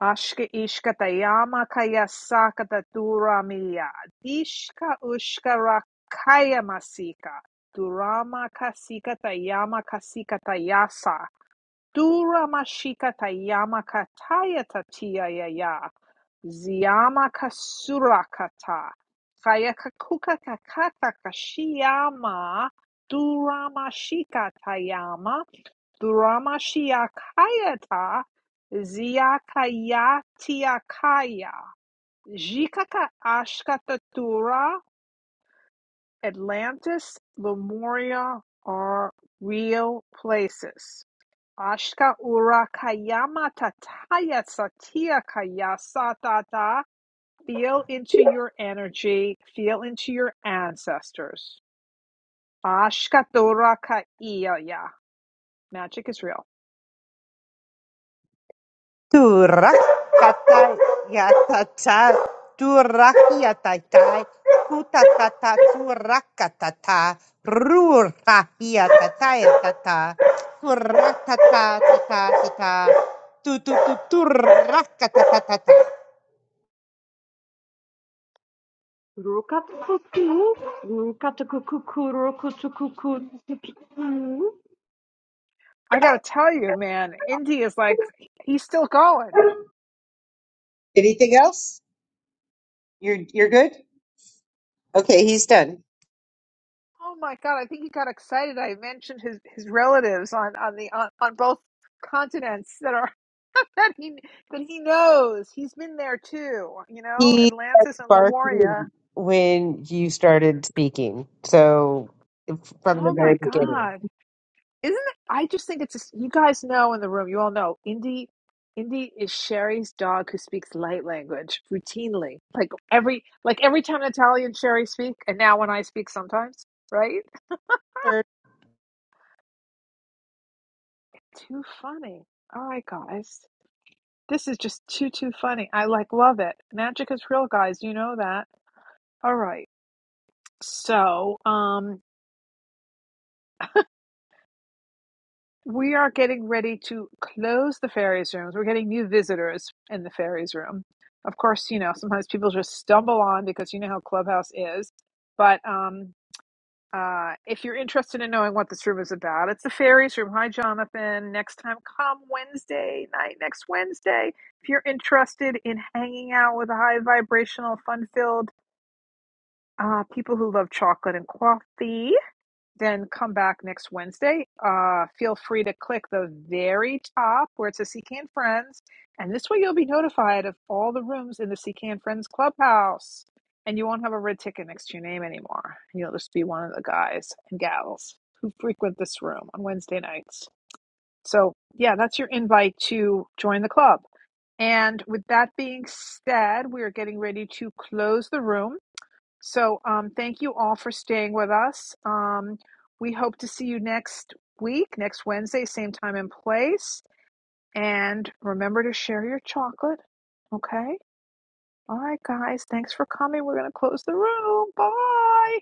B: Ashka ishka tayama kaya sakata duramiya. Dishka ushka rakaya masika. Durama kasika tayama kasika tayasa. Dura mashika Tayama kataya tatia yaya. Ziyama Durmashikatayamakatayatatiayaya Ziyamakasurakaata Kayakakukatakatakashiyama Duramashikatayama Duramashiakayata Ziyakayatiakaya Jikaka Ashkatatura Atlantis Lemuria are real places. Ashka ura kayama tataya satya kaya satata. Feel into your energy. Feel into your ancestors. Ashka dora kaiyaya. Magic is real.
L: Turakata yatata, turakiatata, kutatata, turakatata, rurahiatatayatata, turatatata, tata, tu tu tu turakatatata.
A: Rukatakuku, rukatakukuku, rukatakuku.
B: I gotta tell you, man, Indy is like he's still going.
L: Anything else? You're you're good. Okay, he's done.
B: Oh my god, I think he got excited. I mentioned his his relatives on on the on, on both continents that are that he that he knows. He's been there too, you know, Atlantis and
L: sparked
B: Lemuria
L: when you started speaking. So if- from the
B: Oh
L: very
B: my
L: beginning.
B: God. Isn't it? I just think it's just, you guys know in the room, you all know Indy Indy is Sherry's dog who speaks light language routinely. Like every like every time Natalia and Sherry speak, and now when I speak sometimes, right? Too funny. All right, guys. This is just too too funny. I like love it. Magic is real, guys. You know that. All right. So, um We are getting ready to close the fairies rooms. We're getting new visitors in the fairies room. Of course, you know, sometimes people just stumble on because you know how Clubhouse is. But um, uh, if you're interested in knowing what this room is about, it's the fairies room. Hi, Jonathan. Next time, come Wednesday night, next Wednesday. If you're interested in hanging out with high vibrational, fun filled uh, people who love chocolate and coffee, then come back next Wednesday. Uh, feel free to click the very top where it says CCAN Friends. And this way you'll be notified of all the rooms in the CCAN Friends Clubhouse. And you won't have a red ticket next to your name anymore. You'll just be one of the guys and gals who frequent this room on Wednesday nights. So, yeah, that's your invite to join the club. And with that being said, we are getting ready to close the room. So, um, thank you all for staying with us. Um, we hope to see you next week, next Wednesday, same time and place. And remember to share your chocolate. Okay. All right, guys. Thanks for coming. We're going to close the room. Bye.